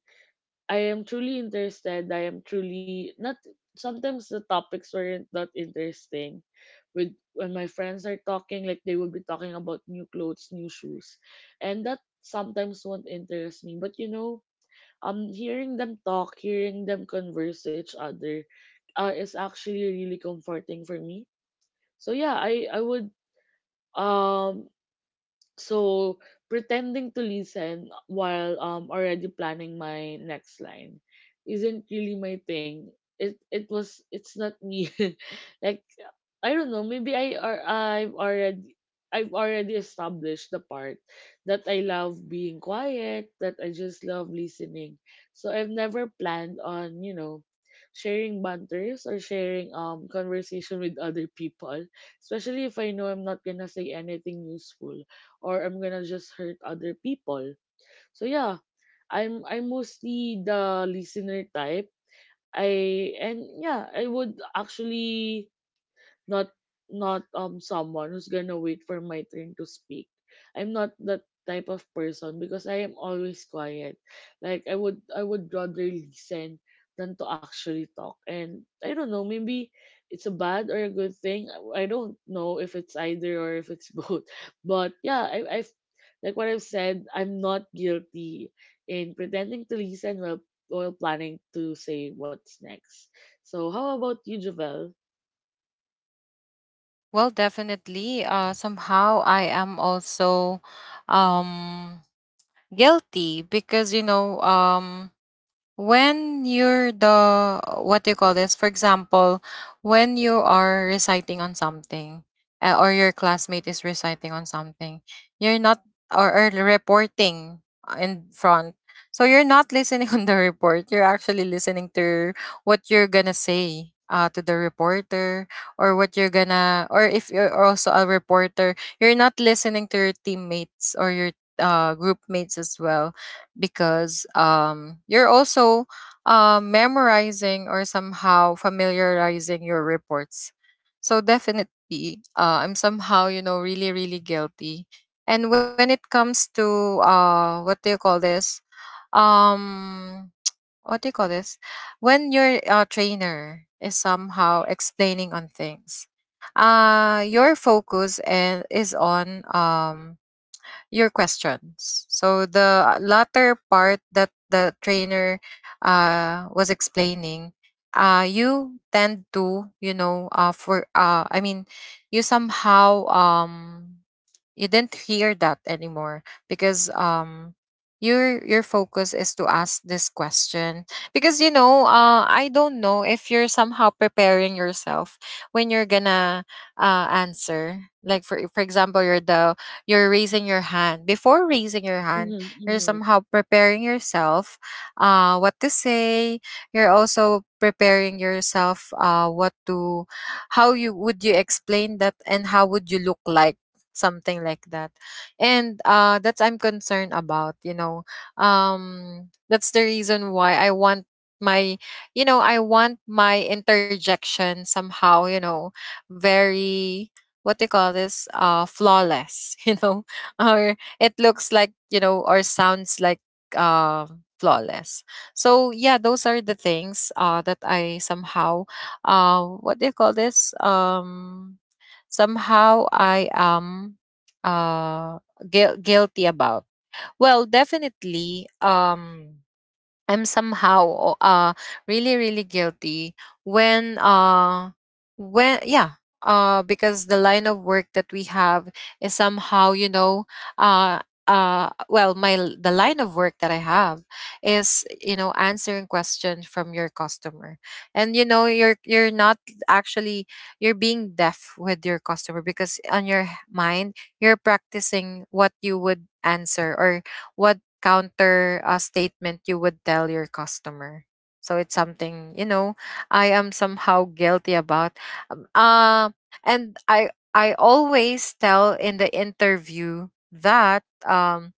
S2: I am truly interested. I am truly not. Sometimes the topics weren't that interesting. With When my friends are talking, like they will be talking about new clothes, new shoes, and that sometimes won't interest me. But you know, hearing them talk, hearing them converse to each other, is actually really comforting for me. So yeah, I would um So pretending to listen while already planning my next line isn't really my thing. It's not me. *laughs* like I don't know. Maybe I or I've already established the part that I love being quiet, that I just love listening. So I've never planned on, you know, sharing banters or sharing conversation with other people, especially if I know I'm not gonna say anything useful or I'm gonna just hurt other people. So yeah, I'm mostly the listener type. I and yeah, I would actually not not someone who's gonna wait for my turn to speak. I'm not that type of person because I am always quiet. Like I would rather listen than to actually talk. And I don't know, maybe it's a bad or a good thing. I don't know if it's either or if it's *laughs* both. But yeah, I I've like what I've said, I'm not guilty in pretending to listen while planning to say what's next. So how about you, Javel?
S1: Well, definitely. Somehow I am also, um, guilty because, you know, when you're the, what do you call this, for example, when you are reciting on something, or your classmate is reciting on something, you're not, or reporting in front. So you're not listening *laughs* on the report, you're actually listening to what you're gonna say to the reporter, or what you're gonna, or if you're also a reporter, you're not listening to your teammates or your, group mates as well, because, you're also memorizing or somehow familiarizing your reports. So definitely, I'm somehow, you know, really really guilty. And when it comes to, what do you call this? Um, what do you call this? When your trainer is somehow explaining on things, your focus and is on your questions. So the latter part that the trainer was explaining, you tend to, you know, for I mean, you somehow, you didn't hear that anymore, because, your focus is to ask this question, because you know, I don't know if you're somehow preparing yourself when you're gonna answer. Like for example, you're raising your hand. Before raising your hand,
S2: Mm-hmm,
S1: you're
S2: mm-hmm.
S1: somehow preparing yourself, what to say. You're also preparing yourself, what to, how you would you explain that, and how would you look like, something like that. And that's, I'm concerned about, you know, that's the reason why I want my, you know, I want my interjection somehow, you know, very, what they call this, flawless, *laughs* you know, or it looks like, you know, or sounds like, uh, flawless. So yeah, those are the things that I somehow, what do you call this, somehow I am uh guilty about. Well, definitely, I'm somehow, really really guilty when, yeah, because the line of work that we have is somehow, you know, uh well, the line of work that I have is, you know, answering questions from your customer. And you know, you're not actually, you're being deaf with your customer, because on your mind, you're practicing what you would answer, or what counter statement you would tell your customer. So it's something, you know, I am somehow guilty about. Um, uh, and I always tell in the interview that,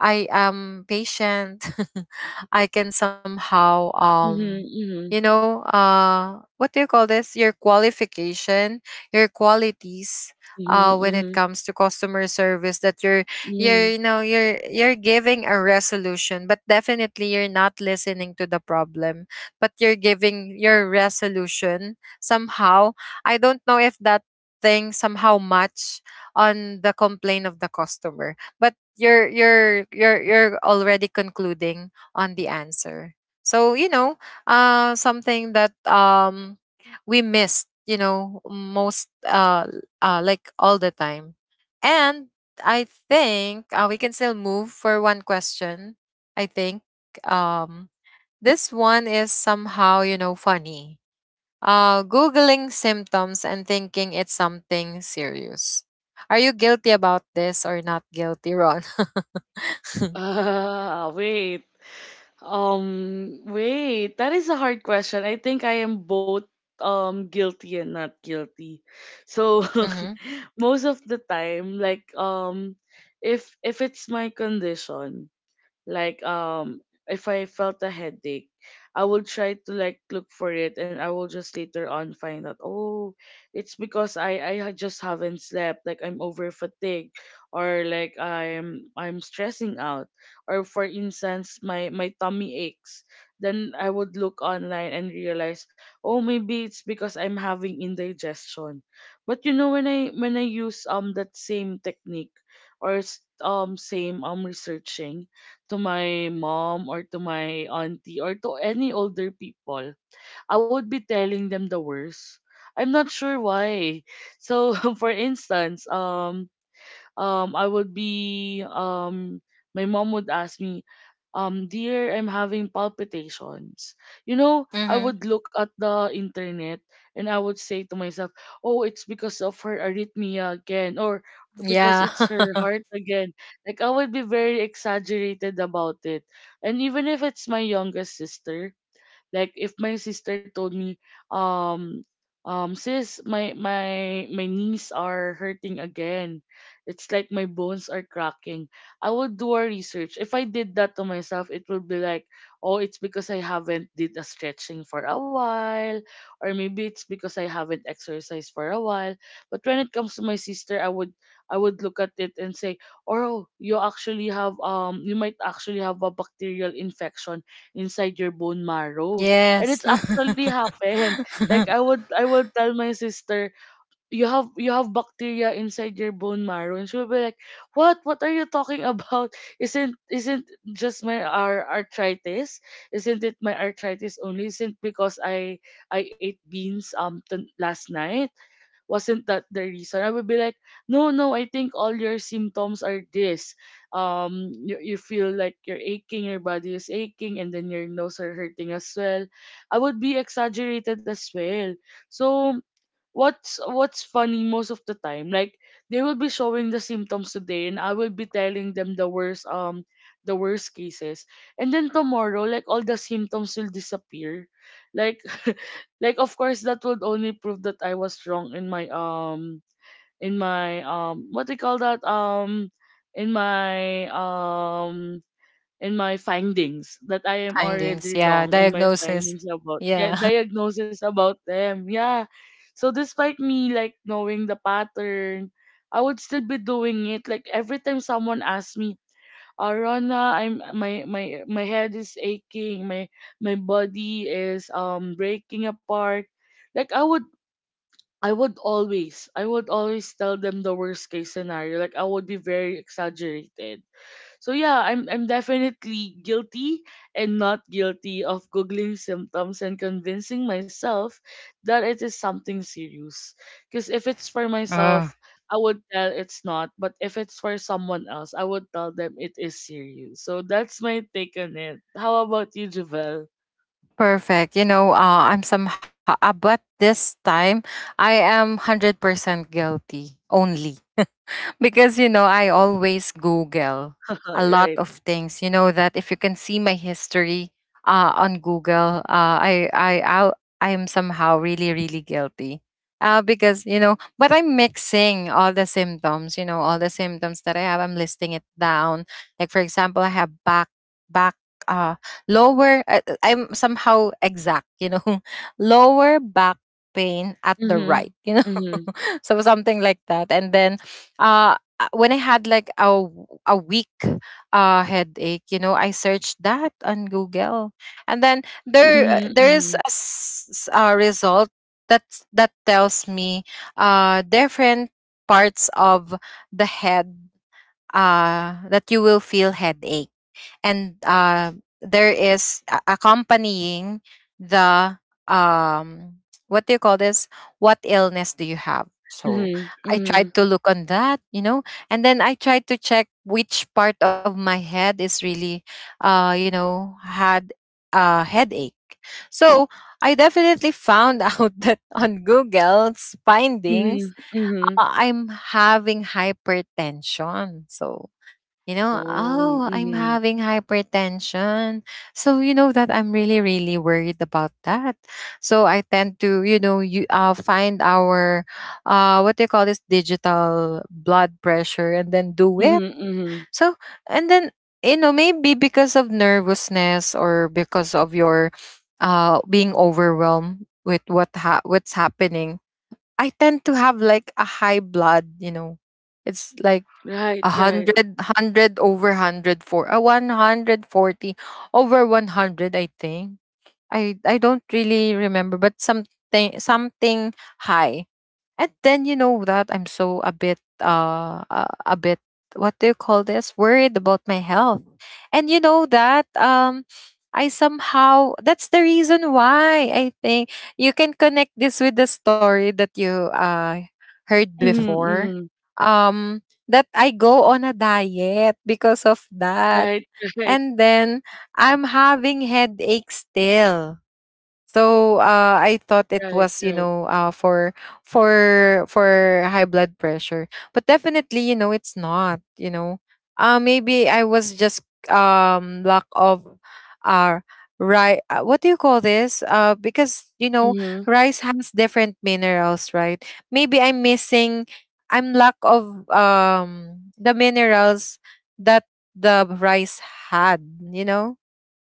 S1: I am patient. *laughs* I can somehow,
S2: Mhm,
S1: you
S2: mhm,
S1: know, what do you call this, your qualification, your qualities
S2: mhm,
S1: when it
S2: mhm,
S1: comes to customer service, that you're
S2: mhm.
S1: you know, you're giving a resolution, but definitely you're not listening to the problem, but you're giving your resolution somehow. I don't know if that thing somehow match on the complaint of the customer, but you're already concluding on the answer. So you know, something that, we missed, you know, most, like all the time. And I think, we can still move for one question. I think, um, this one is somehow, you know, funny. Googling symptoms and thinking it's something serious. Are you guilty about this or not guilty, Ron? *laughs*
S2: Ah, wait. Wait. That is a hard question. I think I am both guilty and not guilty. So
S1: Mm-hmm.
S2: *laughs* most of the time, like if it's my condition, like if I felt a headache, I will try to like look for it and I will just later on find out, oh, it's because just haven't slept, like I'm over fatigued or like I'm stressing out, or for instance my tummy aches. Then I would look online and realize, oh, maybe it's because I'm having indigestion. But you know when I use that same technique or same researching to my mom or to my auntie or to any older people, I would be telling them the worst. I'm not sure why. So *laughs* for instance, I would be my mom would ask me, dear, I'm having palpitations. You know, I
S1: Mm-hmm.
S2: would look at the internet and I would say to myself, oh, it's because of her arrhythmia again, or because
S1: Yeah.
S2: it's her heart again. Like, I would be very exaggerated about it. And even if it's my youngest sister, like if my sister told me, um, sis, my knees are hurting again. It's like my bones are cracking. I would do a research. If I did that to myself, it would be like, oh, it's because I haven't did a stretching for a while, or maybe it's because I haven't exercised for a while. But when it comes to my sister, I would look at it and say, oh, you actually have you might actually have a bacterial infection inside your bone marrow. And
S1: *laughs* Yes.
S2: it's actually happened. *laughs* Like I would tell my sister, you have bacteria inside your bone marrow, and she'll be like, what? What are you talking *laughs* about? Isn't just my our arthritis? Isn't it my arthritis only? Isn't because I ate beans last night? Wasn't that the reason? I would be like, no, no, I think all your symptoms are this. You, you feel like you're aching, your body is aching, and then your nose are hurting as well. I would be exaggerated as well. So what's funny most of the time, like they will be showing the symptoms today and I will be telling them the worst, cases, and then tomorrow, like all the symptoms will disappear. Like *laughs* like of course that would only prove that I was wrong in my what do you call that in my um in my findings, that I
S1: *laughs*
S2: am
S1: Findings.
S2: already
S1: Yeah.
S2: wrong in my
S1: Diagnosis.
S2: findings about, yeah,
S1: Yeah.
S2: diagnosis about them. Yeah. So despite me like knowing the pattern, I would still be doing it. Like every time someone asks me, "Oh, Rona, I'm my my my head is aching, my body is breaking apart." Like I would always tell them the worst case scenario. Like I would be very exaggerated. So yeah, I'm definitely guilty and not guilty of googling symptoms and convincing myself that it is something serious. Because if it's for
S1: *laughs*
S2: myself,
S1: Oh.
S2: I would tell it's not, but if it's for someone else, I would tell them it is serious. So that's my take on it. How about you, Javel?
S1: Perfect. You know, I'm somehow, but this time I am 100% guilty only. *laughs* Because you know, I always Google
S2: *laughs*
S1: a lot
S2: Right.
S1: of things. You know that if you can see my history on Google, I am somehow really really guilty. Because you know, but I'm mixing all the symptoms. You know, all the symptoms that I have, I'm listing it down. Like for example, I have back back uh lower, I'm somehow exact, you know, *laughs* lower back pain at the
S2: Mhm.
S1: right, you know,
S2: Mhm.
S1: *laughs* so something like that. And then, when I had like a week headache, you know, I searched that on Google. And then there, there is
S2: Mhm.
S1: a, a result that tells me different parts of the head that you will feel headache, and, there is accompanying the, um, what do you call this, what illness do you have? So
S2: Mhm.
S1: I tried
S2: Mhm.
S1: to look on that, you know, and then I tried to check which part of my head is really, you know, had a headache. So I definitely found *laughs* out that on Google's findings,
S2: Mhm. Mhm. Mhm.
S1: I'm having hypertension. So you know,
S2: Oh.
S1: oh, I'm
S2: Mhm.
S1: having hypertension. So you know that I'm really, really worried about that. So I tend to, you know, you find our what do you call this, digital blood pressure, and then do it.
S2: Mhm. Mhm.
S1: So, and then you know, maybe because of nervousness or because of your being overwhelmed with what's happening, I tend to have like a high blood. You know, it's like
S2: Right.
S1: a
S2: Right.
S1: hundred, hundred over hundred, for a 140 over 100. I think I don't really remember, but something, something high. And then you know that I'm so a bit, a bit, what do you call this, worried about my health. And you know that, I somehow, that's the reason why I think you can connect this with the story that you heard
S2: Mhm.
S1: before.
S2: Mhm.
S1: That I go on a diet because of that.
S2: Right, *laughs* right,
S1: And then I'm having headache still, so, I thought it
S2: right,
S1: was, you
S2: right.
S1: know, for high blood pressure, but definitely, you know, it's not. You know, maybe I was just, lack of, uh, right. What do you call this? Because you know,
S2: Mhm,
S1: rice has different minerals, right? Maybe I'm missing, I'm lack of the minerals that the rice had. You know,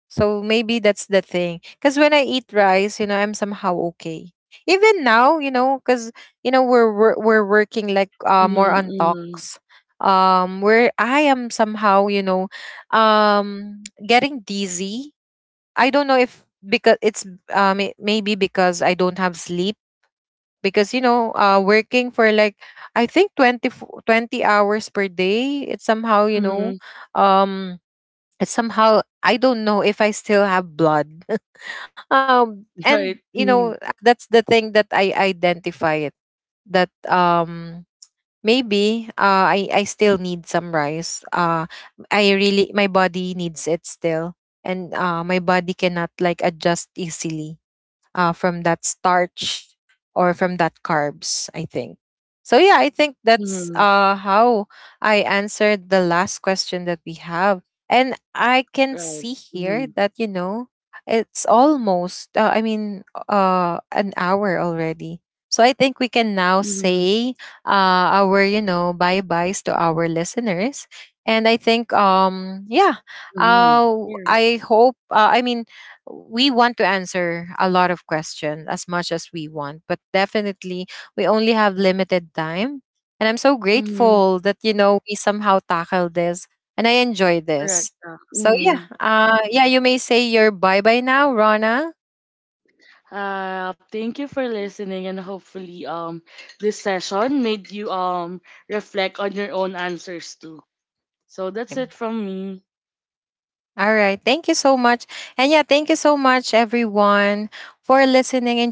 S1: so maybe that's the thing. Because when I eat rice, you know, I'm somehow okay. Even now, you know, because you know, we're working like,
S2: mhm,
S1: more on
S2: mhm,
S1: talks, where I am somehow, you know, getting dizzy. I don't know if because it's, maybe because I don't have sleep, because you know, working for like, I think 20, 20 hours per day. It's somehow, you know,
S2: mhm.
S1: um it's somehow, I don't know if I still have blood, and
S2: Right,
S1: you know,
S2: mhm,
S1: that's the thing that I identify it, that, maybe, I still need some rice, I really, my body needs it still, and, my body cannot like adjust easily from that starch or from that carbs, I think. So yeah, I think that's
S2: mhm,
S1: how I answered the last question that we have. And I can
S2: right,
S1: see here
S2: mhm,
S1: that, you know, it's almost, I mean, an hour already. So I think we can now
S2: mhm,
S1: say our, you know, bye-byes to our listeners. And I think, yeah,
S2: mhm.
S1: uh,
S2: Yeah,
S1: I hope, I mean, we want to answer a lot of questions as much as we want, but definitely we only have limited time. And I'm so
S2: mhm.
S1: grateful that you know we somehow tackled this, and I enjoy
S2: Correct.
S1: this. So yeah,
S2: Mhm.
S1: yeah, you may say your bye bye now, Rana.
S2: Thank you for listening, and hopefully, this session made you reflect on your own answers too. So that's
S1: Mm.
S2: it from me.
S1: All right, thank you so much, and yeah, thank you so much, everyone, for listening.